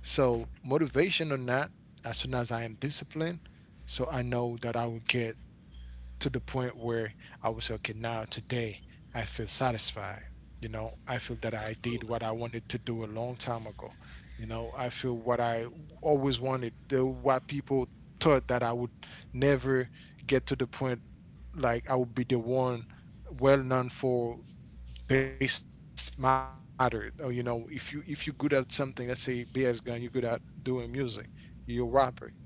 Speaker 1: So motivation or not, as soon as I am disciplined, so I know that I will get to the point where I was okay. Now today I feel satisfied. You know, I feel that I did
Speaker 2: absolutely,
Speaker 1: what I wanted to do a long time ago. You know, I feel what I always wanted, the what people thought that I would never get to the point, like I would be the one well known for this matter. Or, you know, if you if you're good at something, let's say BS gun, you're good at doing music, you're a rapper, you rap good,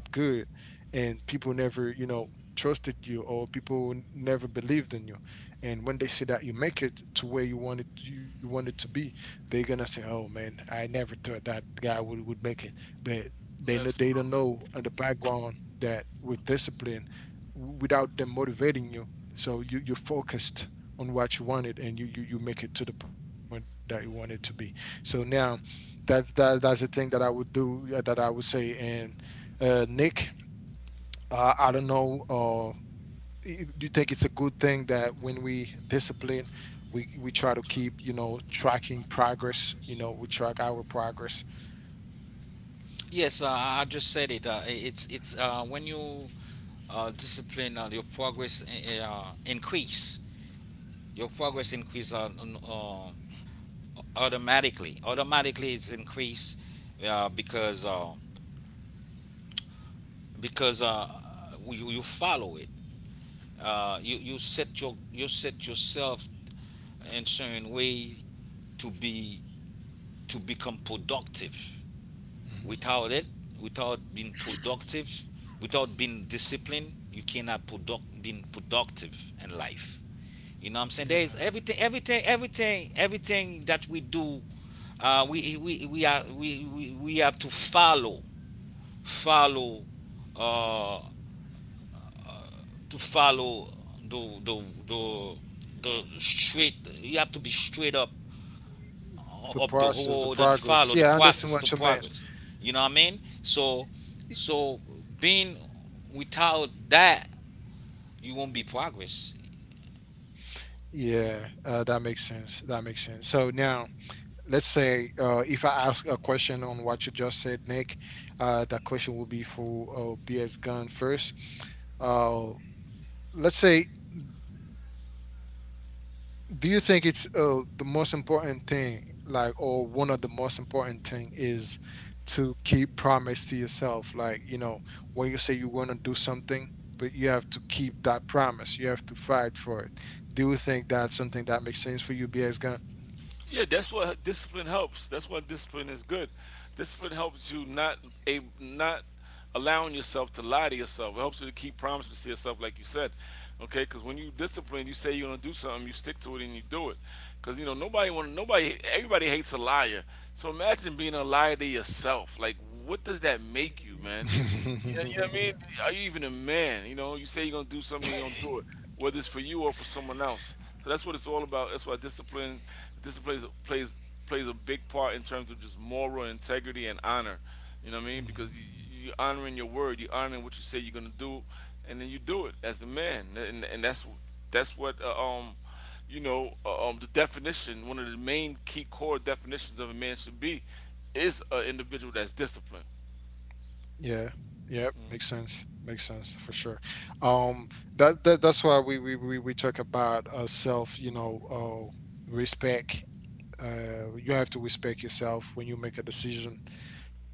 Speaker 1: and people never, you know, trusted you, or people who never believed in you. And when they see that you make it to where you wanted you want it to be, they're gonna say, oh man, I never thought that guy would make it. But they know, they don't
Speaker 2: absolutely.
Speaker 1: know in the background that with discipline, without them motivating you, so you're focused on what you wanted, and you make it to the point that you want it to be. So now that's the thing that I would do, yeah, that I would say. And nick I don't know. Do you think it's a good thing that when we discipline, we try to keep, you know, tracking progress? You know, we track our progress.
Speaker 3: Yes, I just said it. It's When you discipline, your progress increase. Your progress increase uh, automatically. Automatically, it's increase because because uh, you follow it. You set your you set yourself in certain way to be to become productive. Without
Speaker 1: hmm
Speaker 3: it,
Speaker 1: hmm
Speaker 3: without being productive, without being disciplined, you cannot product being productive in life. You know what I'm saying? There is everything,
Speaker 1: yeah.
Speaker 3: everything, everything, everything that we do. We are we have to follow,
Speaker 1: hmm
Speaker 3: uh, follow the the the the straight. You have to be straight up
Speaker 1: the process, the
Speaker 3: of the
Speaker 1: progress, yeah,
Speaker 3: world
Speaker 1: I
Speaker 3: and
Speaker 1: understand
Speaker 3: follow the
Speaker 1: what you meant.
Speaker 3: process to progress. You know what I mean? So,
Speaker 1: Y-
Speaker 3: so being without that, you won't be progress.
Speaker 1: yeah, that makes sense, that makes sense. So now, let's say, if I ask a question on what you just said, Nick, that question will be for, PS gun first. uh, let's say, do you think it's the most important thing, like, or one of the most important thing is to keep promise to yourself? Like, you know, when you say you want to do something, but you have to keep that promise, you have to fight for it. Do you think that's something that makes sense for you, BX gun?
Speaker 2: Yeah, that's what discipline helps. That's why discipline is good. Discipline helps you not allowing yourself to lie to yourself. It helps you to keep promises to yourself, like you said. Okay, because when you discipline, you say you're gonna do something, you stick to it, and you do it. Because you know nobody want nobody everybody hates a liar. So imagine being a liar to yourself. Like, what does that make you, man? You know what I mean? Are you even a man? You know, you say you're gonna do something, and you don't do it, whether it's for you or for someone else. So that's what it's all about. That's why discipline plays a big part in terms of just moral integrity and honor. You know what I mean?
Speaker 1: Mhm.
Speaker 2: Because you're honoring your word, you're honoring what you say you're gonna do, and then you do it as a man. And that's what you know the definition, one of the main key core definitions of a man should be, is an individual that's disciplined.
Speaker 1: Yeah, yep, makes sense, makes sense, for sure. um that's why we talk about, uh, self, you know, uh, respect. You have to respect yourself when you make a decision,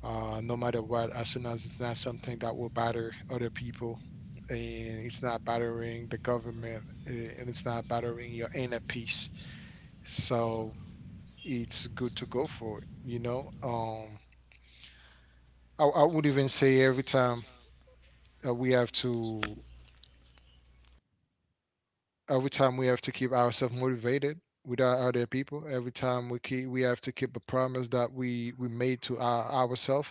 Speaker 1: no matter what, as soon as it's not something that will batter other people, and it's not battering the government, and it's not battering your inner peace. So it's good to go for it, you know? Um, I would even say, every time we have to, every time we have to keep ourselves motivated with our other people, every time we have to keep a promise that we made to ourselves.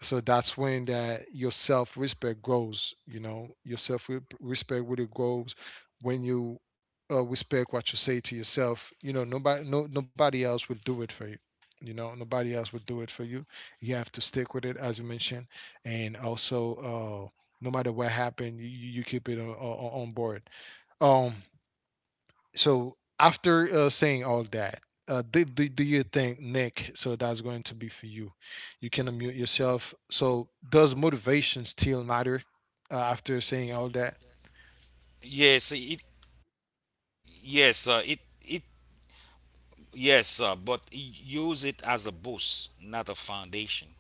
Speaker 1: So that's when that your self-respect grows, you know, your self-respect really grows, when you respect what you say to yourself. You know, nobody no nobody else will do it for you. You know, nobody else will do it for you. You have to stick with it, as you mentioned. And also no matter what happened, you keep it on, on board. um so after saying all that, do you think, Nick? So that's going to be for you. You can unmute yourself. So, does motivation still matter after saying all that?
Speaker 3: Yes, it. Yes, it. It. Yes, use it as a boost, not a foundation.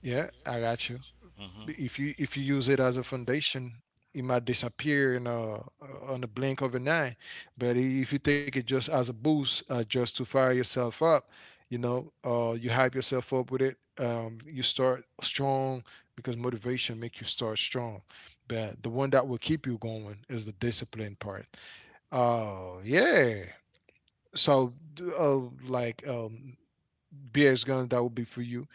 Speaker 1: Yeah, I got you.
Speaker 3: Hmm.
Speaker 1: If you use it as a foundation, it might disappear in a, on a blink of an eye. But if you take it just as a boost, just to fire yourself up, you know, you hype yourself up with it, you start strong, because motivation make you start strong. But the one that will keep you going is the discipline part. Oh yeah. So uh, like um, beer's gun, that would be for you.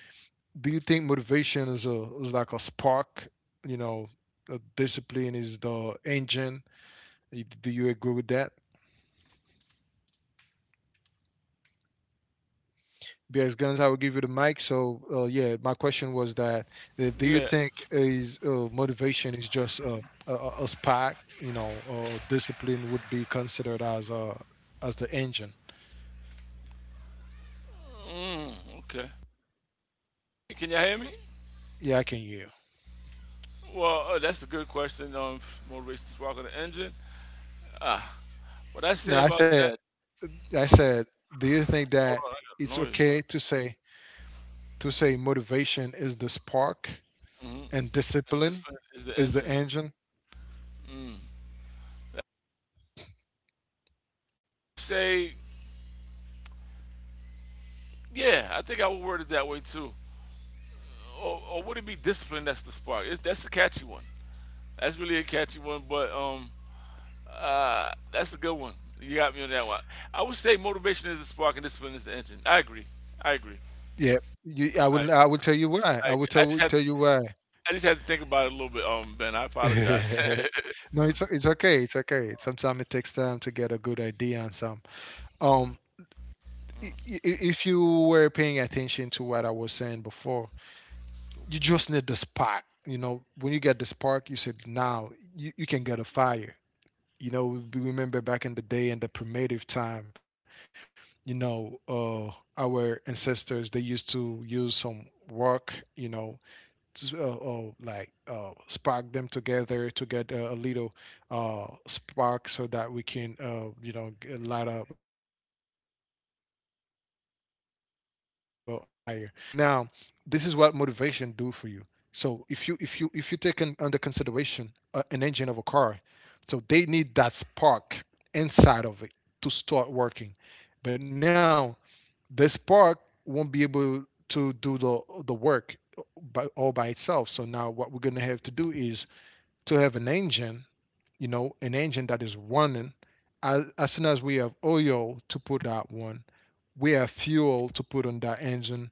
Speaker 1: Do you think motivation is a, is like a spark, you know, discipline is the engine? Do you agree with that? Because, Guns, I will give you the mic. So yeah, my question was that do you
Speaker 2: Yeah.
Speaker 1: think is motivation is just a spark, you know, or discipline would be considered as a, as the engine?
Speaker 2: Hmm, okay. Can you hear me?
Speaker 1: Yeah, I can hear you.
Speaker 2: Well, that's a good question. Motivation spark of the engine. What I say
Speaker 1: No, I
Speaker 2: about that?
Speaker 1: said I
Speaker 2: Mm,
Speaker 1: said. Do you think
Speaker 2: hold
Speaker 1: that
Speaker 2: on, I got
Speaker 1: it's
Speaker 2: noise. Bro.
Speaker 1: okay to say, motivation is the spark and
Speaker 2: And
Speaker 1: discipline
Speaker 2: is the
Speaker 1: is the
Speaker 2: engine.
Speaker 1: engine.
Speaker 2: Say, yeah, I think I would word it that way too. Or would it be discipline? That's the spark. It, that's a catchy one. That's really a catchy one, but that's a good one. You got me on that one. I would say motivation is the spark and discipline is the engine. I agree. I agree.
Speaker 1: Yeah, I
Speaker 2: I agree.
Speaker 1: will. I will tell you why.
Speaker 2: I,
Speaker 1: I will
Speaker 2: agree. I just
Speaker 1: tell
Speaker 2: had
Speaker 1: tell you
Speaker 2: to.
Speaker 1: why.
Speaker 2: I just had to think about it a little bit, Ben. I apologize.
Speaker 1: no, it's o- it's okay. It's okay. Sometimes it takes time to get a good idea on some. Um, if you were paying attention to what I was saying before, you just need the spark. You know, when you get the spark, you said, now you can get a fire. You know, we remember back in the day in the primitive time, you know, our ancestors, they used to use some work, you know, like, spark them together to get a little, spark so that we can, you know, light up a fire. So now, this is what motivation do for you. So if you take in, under consideration, an engine of a car, so they need that spark inside of it to start working. But now, this park won't be able to do the work by all by itself. So now, what we're gonna have to do is to have an engine, you know, an engine that is running. As soon as we have oil to put on that one, we have fuel to put on that engine.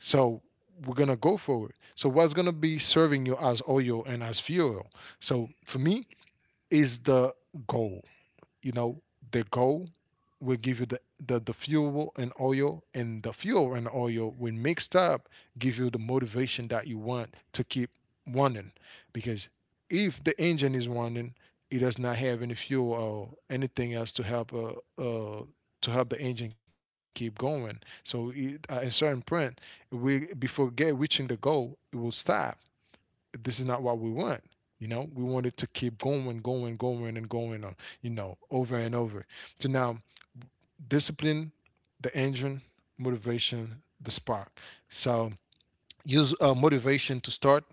Speaker 1: So we're gonna go for it. So what's gonna be serving you as oil and as fuel? So for me, is the goal, you know, the goal will give you the, the fuel and oil, and the fuel and oil, when mixed up, give you the motivation that you want to keep running. Because if the engine is running, it does not have any fuel or anything else to help, uh, to help the engine keep going, so it, at a certain point, we before get reaching the goal, it will stop. This is not what we want. You know, we want it to keep going, going, going, and going on, you know, over and over. So now, discipline, the engine, motivation, the spark. So, use motivation to start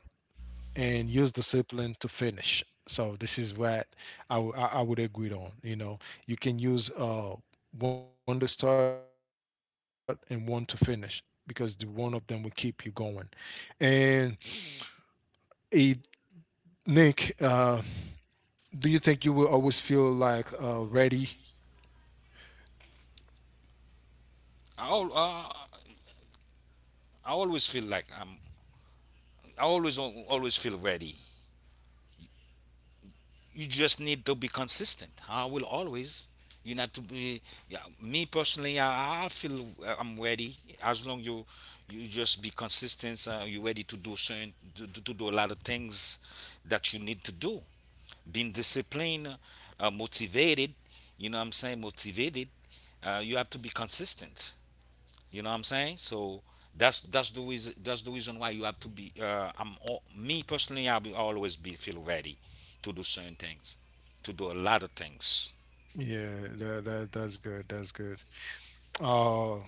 Speaker 1: and use discipline to finish. So this is what I would agree on. You know, you can use one to start and one to finish, because the one of them will keep you going. And eh, Nick, do you think you will always feel like ready?
Speaker 3: I, al- uh, I always feel like I'm. I always feel ready. You just need to be consistent. I will always. You not to be. Yeah, me personally, I feel I'm ready. As long you just be consistent, you ready to do certain to do a lot of things that you need to do. Being disciplined, motivated. You know what I'm saying? Motivated. You have to be consistent. You know what I'm saying? So that's the reason why you have to be. Me personally, I will always be feel ready to do certain things, to do a lot of things.
Speaker 1: Yeah, that's good. That's good. Uh,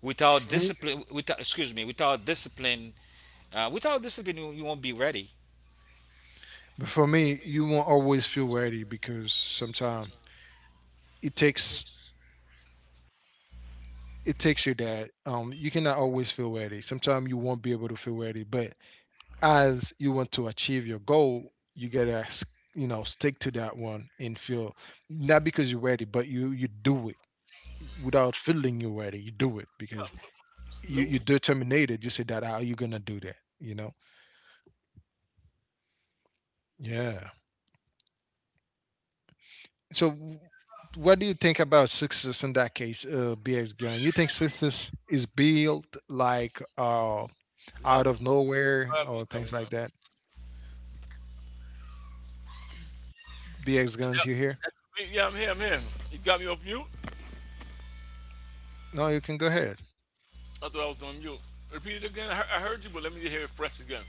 Speaker 3: Without
Speaker 1: for me,
Speaker 3: discipline, without Excuse me, without discipline, you won't be ready.
Speaker 1: But for me, you won't always feel ready, because sometimes it takes, it takes your dad. You cannot always feel ready. Sometimes you won't be able to feel ready. But as you want to achieve your goal, you gotta you know, stick to that one and feel, not because you're ready, but you do it without feeling you're ready. You do it because you
Speaker 2: No,
Speaker 1: you determined. You said that, how you gonna do that. You know. Yeah. So, w- what do you think about success in that case, BX Gun? You think success is built like,
Speaker 2: yeah, I
Speaker 1: out of
Speaker 2: wouldn't.
Speaker 1: nowhere
Speaker 2: I have you
Speaker 1: or
Speaker 2: somewhere.
Speaker 1: things like that? BX
Speaker 2: Is
Speaker 1: Guns,
Speaker 2: that,
Speaker 1: you here?
Speaker 2: that's me? Yeah, I'm here. I'm here. You got me off mute.
Speaker 1: No, you can go ahead.
Speaker 2: I thought I was on mute. Repeat it again. I heard you, but let me hear it fresh again.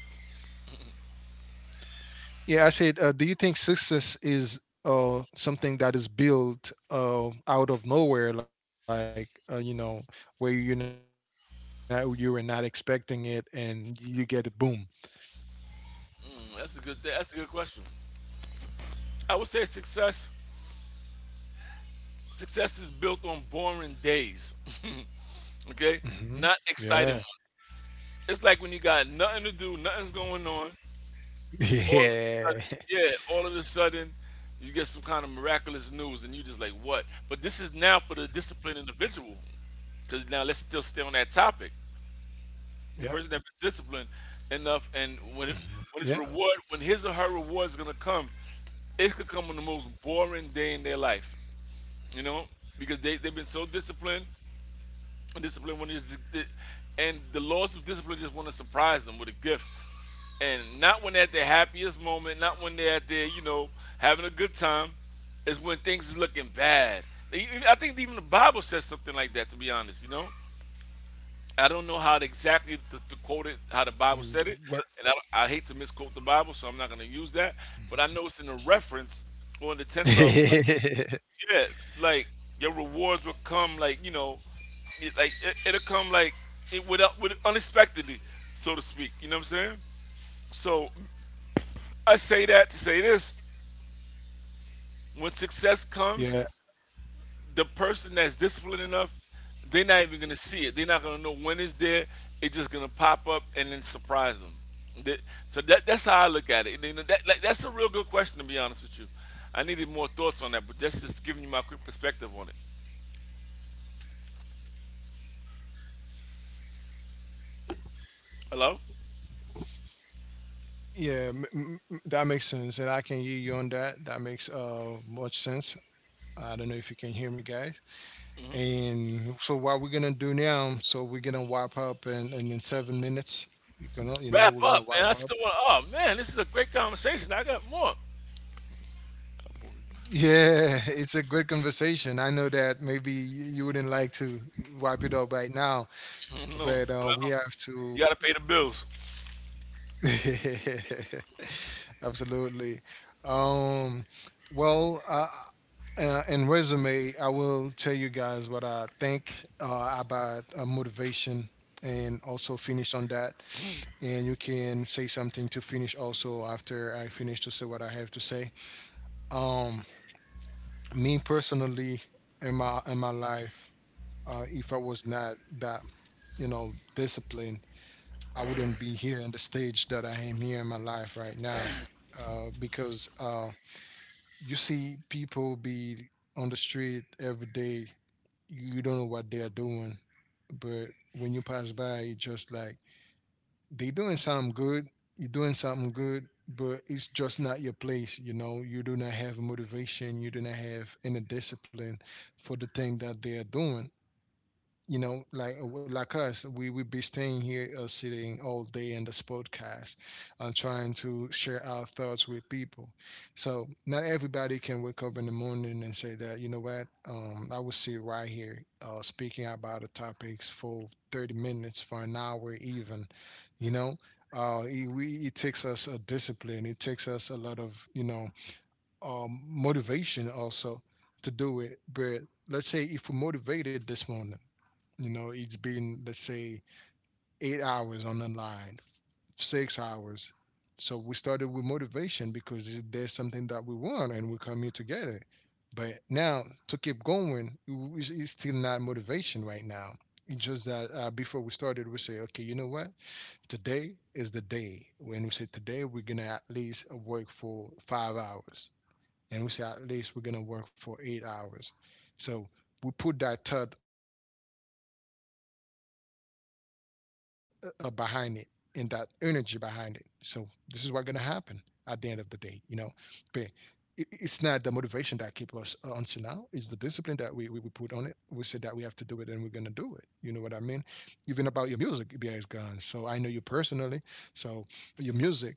Speaker 1: Yeah, I said, do you think success is, something that is built, out of nowhere, like, you know, where you were not expecting it, and you get a boom?
Speaker 2: Hmm, That's a good question. I would say success. Success is built on boring days. Okay,
Speaker 1: Hmm.
Speaker 2: not
Speaker 1: Yeah.
Speaker 2: exciting ones. It's like when you got nothing to do, nothing's going on.
Speaker 1: Yeah,
Speaker 2: All of a sudden, you get some kind of miraculous news, and you just like, what? But this is now for the disciplined individual, because now let's still stay on that
Speaker 1: yeah.
Speaker 2: topic. The person that's been
Speaker 1: Hmm.
Speaker 2: disciplined
Speaker 1: Yeah.
Speaker 2: enough, and when his reward, when his or her reward is gonna come, it could come on the most boring day in their life, you know, because they've been so disciplined. Discipline when it's and The laws of discipline just want to surprise them with a gift, and not when they're at their happiest moment, not when they're at their, you know, having a good time. It's when things is looking bad. Even, I think even the bible says something like that, to be honest. You know, I don't know how to
Speaker 1: Mm.
Speaker 2: exactly
Speaker 1: What?
Speaker 2: to quote it how the bible said it, and I hate to misquote the
Speaker 1: Mm-hmm.
Speaker 2: bible, so I'm not going to use that. But I know it's in a reference or in the tense of, yeah, like, your rewards will come, like, you know, it'll come like it would unexpectedly, so to speak. You know what I'm saying? So I say that to say this: when success
Speaker 1: Yeah.
Speaker 2: comes, the person that's disciplined enough, they're not even gonna see it. They're not gonna know when it's there. It's just gonna pop up and then surprise them. That- so that's how I look at it. You know, that, like, that's a real good question, to be honest with you. I needed more thoughts on that, but that's just giving you my quick perspective on it. Hello.
Speaker 1: Yeah, that makes sense, and I can hear you on that. That makes, uh, much sense. I don't know if you can hear me, guys. And so, what we're gonna do now? So, we're gonna wipe up, and in 7 minutes, you can, you know,
Speaker 2: Wrap
Speaker 1: we're
Speaker 2: up,
Speaker 1: gonna
Speaker 2: man. I
Speaker 1: wipe up.
Speaker 2: still want. Oh man, this is a great conversation. I got more. No,
Speaker 1: Yeah, it's a good conversation. I know that maybe you wouldn't like to wipe it up right now,
Speaker 2: but I
Speaker 1: but
Speaker 2: don't.
Speaker 1: we have to.
Speaker 2: You gotta pay the bills.
Speaker 1: Absolutely. Um, well, uh, in resume, I will tell you guys what I think about motivation, and also finish on that. And you can say something to finish also after I finish to say what I have to say. Um, me personally, in my, in my life, if I was not that, you know, disciplined, I wouldn't be here in the stage that I am here in my life right now. Because you see people be on the street every day. You don't know what they are doing, but when you pass by, it's just like they doing something good. You're doing something good, but it's just not your place. You know, you do not have motivation. You do not have any discipline for the thing that they are doing. You know, like us, we would be staying here, sitting all day in this podcast, trying to share our thoughts with people. So not everybody can wake up in the morning and say that, you know what, I will sit right here, speaking about the topics for 30 minutes, for an hour even, you know. It takes us a discipline. It takes us a lot of, you know, motivation also, to do it. But let's say if we're motivated this morning, you know, it's been, let's say, 8 hours on the line, 6 hours. So we started with motivation because there's something that we want and we come here together. But now, to keep going, it's still not motivation right now. It's just that, before we started, we say, okay, you know what? Today is the day. When we say today, we're gonna at least work for 5 hours, and we say at least we're gonna work for 8 hours. So we put that thought, behind it, and that energy behind it. So this is what's gonna happen at the end of the day, you know. But it's not the motivation that kept us until now. It's the discipline that we put on it. We said that we have to do it, and we're gonna do it. You know what I mean? Even about your music, BX Gone. So I know you personally. So your music.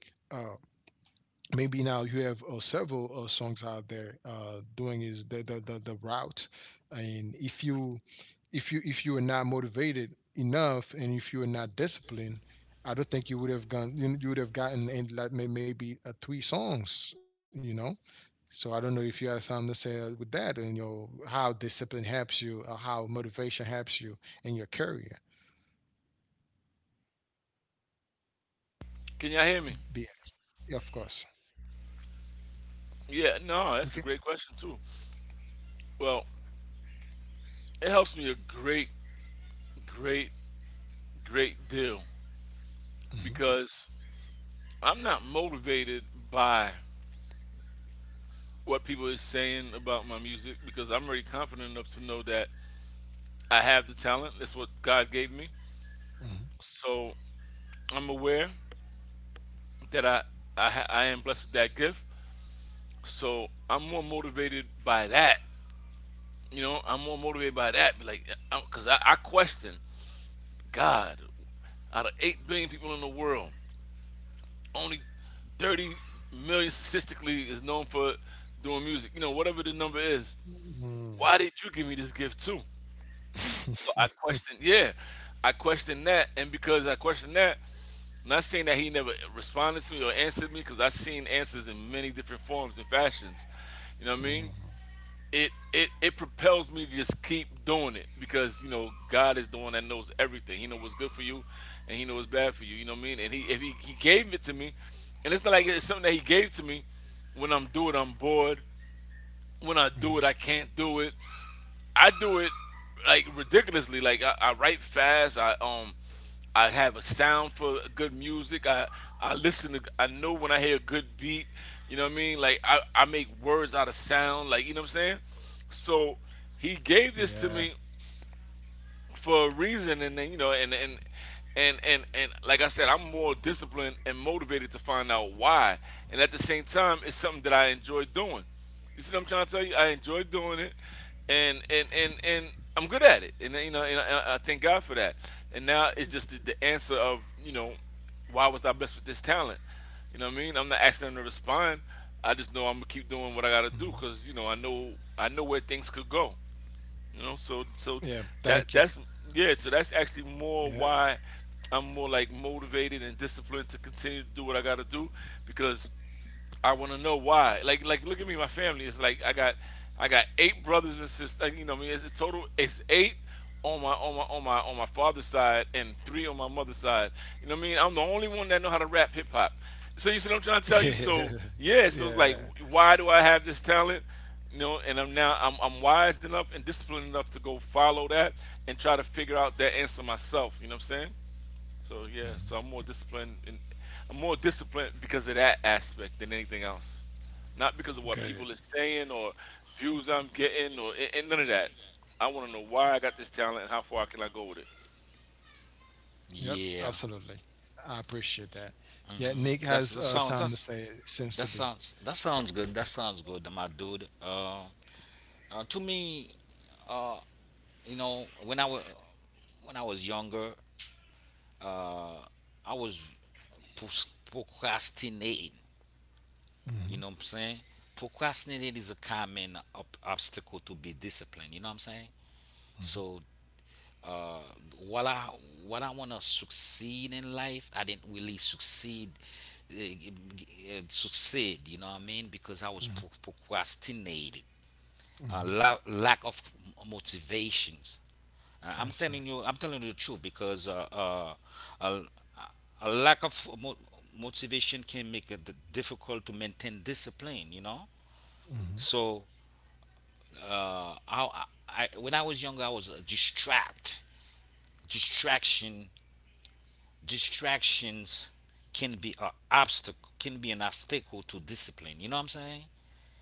Speaker 1: Maybe now you have several songs out there, doing is the, the the route. And if you are not motivated enough, and if you are not disciplined, I don't think you would have gone, you would have gotten, and like, maybe three songs, you know. So I don't know if you have something to say, with that, and you know, how discipline helps you or how motivation helps you in your career.
Speaker 2: Can y'all hear me?
Speaker 1: BX? Yeah, of course.
Speaker 2: Yeah, no,
Speaker 1: Okay.
Speaker 2: that's a great question too. Well, it helps me a great, great, great deal,
Speaker 1: Mm-hmm.
Speaker 2: because I'm not motivated by what people is saying about my music, because I'm already confident enough to know that I have the talent. That's what God gave me. So I'm aware that I am blessed with that gift. So I'm more motivated by that. You know, I'm more motivated by that. Because I question God. Out of 8 billion people in the world, only 30 million statistically is known for doing music. You know, whatever the number is.
Speaker 1: Mm-hmm.
Speaker 2: Why did you give me this gift too? So
Speaker 1: Mm.
Speaker 2: I question. Yeah, I question that, and because I question that, not saying that he never responded to me or answered me, because I've seen answers in many different forms and fashions. You know what I mean?
Speaker 1: Mm.
Speaker 2: It propels me to just keep doing it, because you know God is the one that knows everything. He knows what's good for you, and He knows what's bad for you. You know what I mean? And He if He, he gave it to me, and it's not like it's something that He gave to me. When I'm doing, it, I'm bored. When I
Speaker 1: Mm.
Speaker 2: do it, I can't do it. I do it like ridiculously. Like I write fast. I I have a sound for good music. I listen to. I know when I hear a good beat. You know what I mean? Like I make words out of sound. Like you know what I'm saying? So
Speaker 1: Yeah.
Speaker 2: he gave this to me for a reason, and then you know, and like I said, I'm more disciplined and motivated to find out why. And at the same time, it's something that I enjoy doing. You see what I'm trying to tell you? I enjoy doing it, and I'm good at it. And you know, and I thank God for that. And now it's just the answer of, you know, why was I blessed with this talent? You know what I mean? I'm not asking them to respond. I just know I'm gonna keep
Speaker 1: Mhm.
Speaker 2: doing what I gotta do, because you know I know I know where things could go. You know,
Speaker 1: Yeah,
Speaker 2: so so
Speaker 1: thank you.
Speaker 2: that's yeah, so that's actually
Speaker 1: Yeah.
Speaker 2: more why I'm more like motivated and disciplined to continue to do what I got to do, because I want to know why. Like look at me, my family. It's like I got 8 brothers and sisters. You know what I mean, it's total. It's 8 on my father's side and 3 on my mother's side. You know what I mean? I'm the only one that know how to rap hip hop. So you see what I'm trying to tell you? So yeah, so it's
Speaker 1: Yeah.
Speaker 2: like why do I have this talent? You know, and I'm now I'm wise enough and disciplined enough to go follow that and try to figure out that answer myself. You know what I'm saying? So yeah,
Speaker 1: Mhm.
Speaker 2: so I'm more disciplined. In, I'm more disciplined because of that aspect than anything else, not because of what
Speaker 1: Good.
Speaker 2: people are saying, or views I'm getting, and none of that. I want to know why I got this talent and how far can I go with it.
Speaker 1: Yep, absolutely.
Speaker 3: Yeah,
Speaker 1: I appreciate that. Yeah, Nick has,
Speaker 3: that's that
Speaker 1: something to
Speaker 3: sounds
Speaker 1: say,
Speaker 3: that's
Speaker 1: it seems to be.
Speaker 3: that sounds good. That sounds good, my dude. To me, uh, you know, when I was when I was younger, uh, I was procrastinate. You
Speaker 1: Hmm.
Speaker 3: know what I'm saying? Procrastinating is a common obstacle to be disciplined. You know what I'm saying?
Speaker 1: hmm
Speaker 3: So, uh, while I what I want to succeed in life, I didn't really succeed. Uh, Succeed, you know what I mean? Because I was procrastinating.
Speaker 1: hmm
Speaker 3: Lack of motivations.
Speaker 1: I see.
Speaker 3: I'm telling you the truth because a, a lack of motivation can make it difficult to maintain discipline. You know,
Speaker 1: Hmm.
Speaker 3: so I when I was younger, I was just. Distraction, Distractions can be an obstacle to discipline. You know what I'm saying?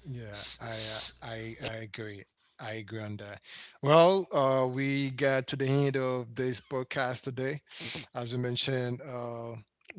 Speaker 1: Yeah,
Speaker 3: S- s-
Speaker 1: I agree. I agree on that. Well, we got to the end of this podcast today. As I mentioned,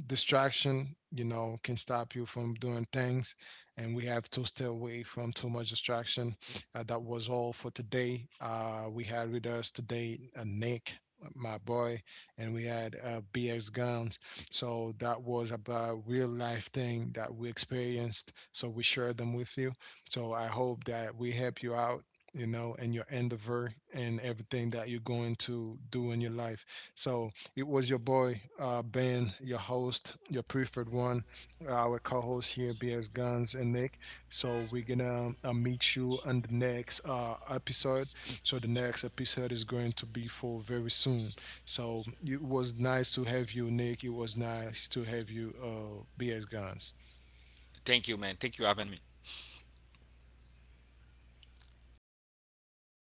Speaker 1: distraction, you know, can stop you from doing things. And we have to stay away from too much distraction. That was all for today. We had with us today, Nick, my boy, and we had, BX Guns. So that was about real life thing that we experienced. So we shared them with you. So I hope that we help you out. You know, and your endeavor and everything that you're going to do in your life. So, it was your boy, Ben, your host, your preferred one, our co host here, BS Guns and Nick. So we're gonna, meet you on the next, episode. So the next episode is going to be for very soon. So it was nice to have you, Nick. It was nice to have you, BS Guns.
Speaker 3: Thank you, man. Thank you for having me.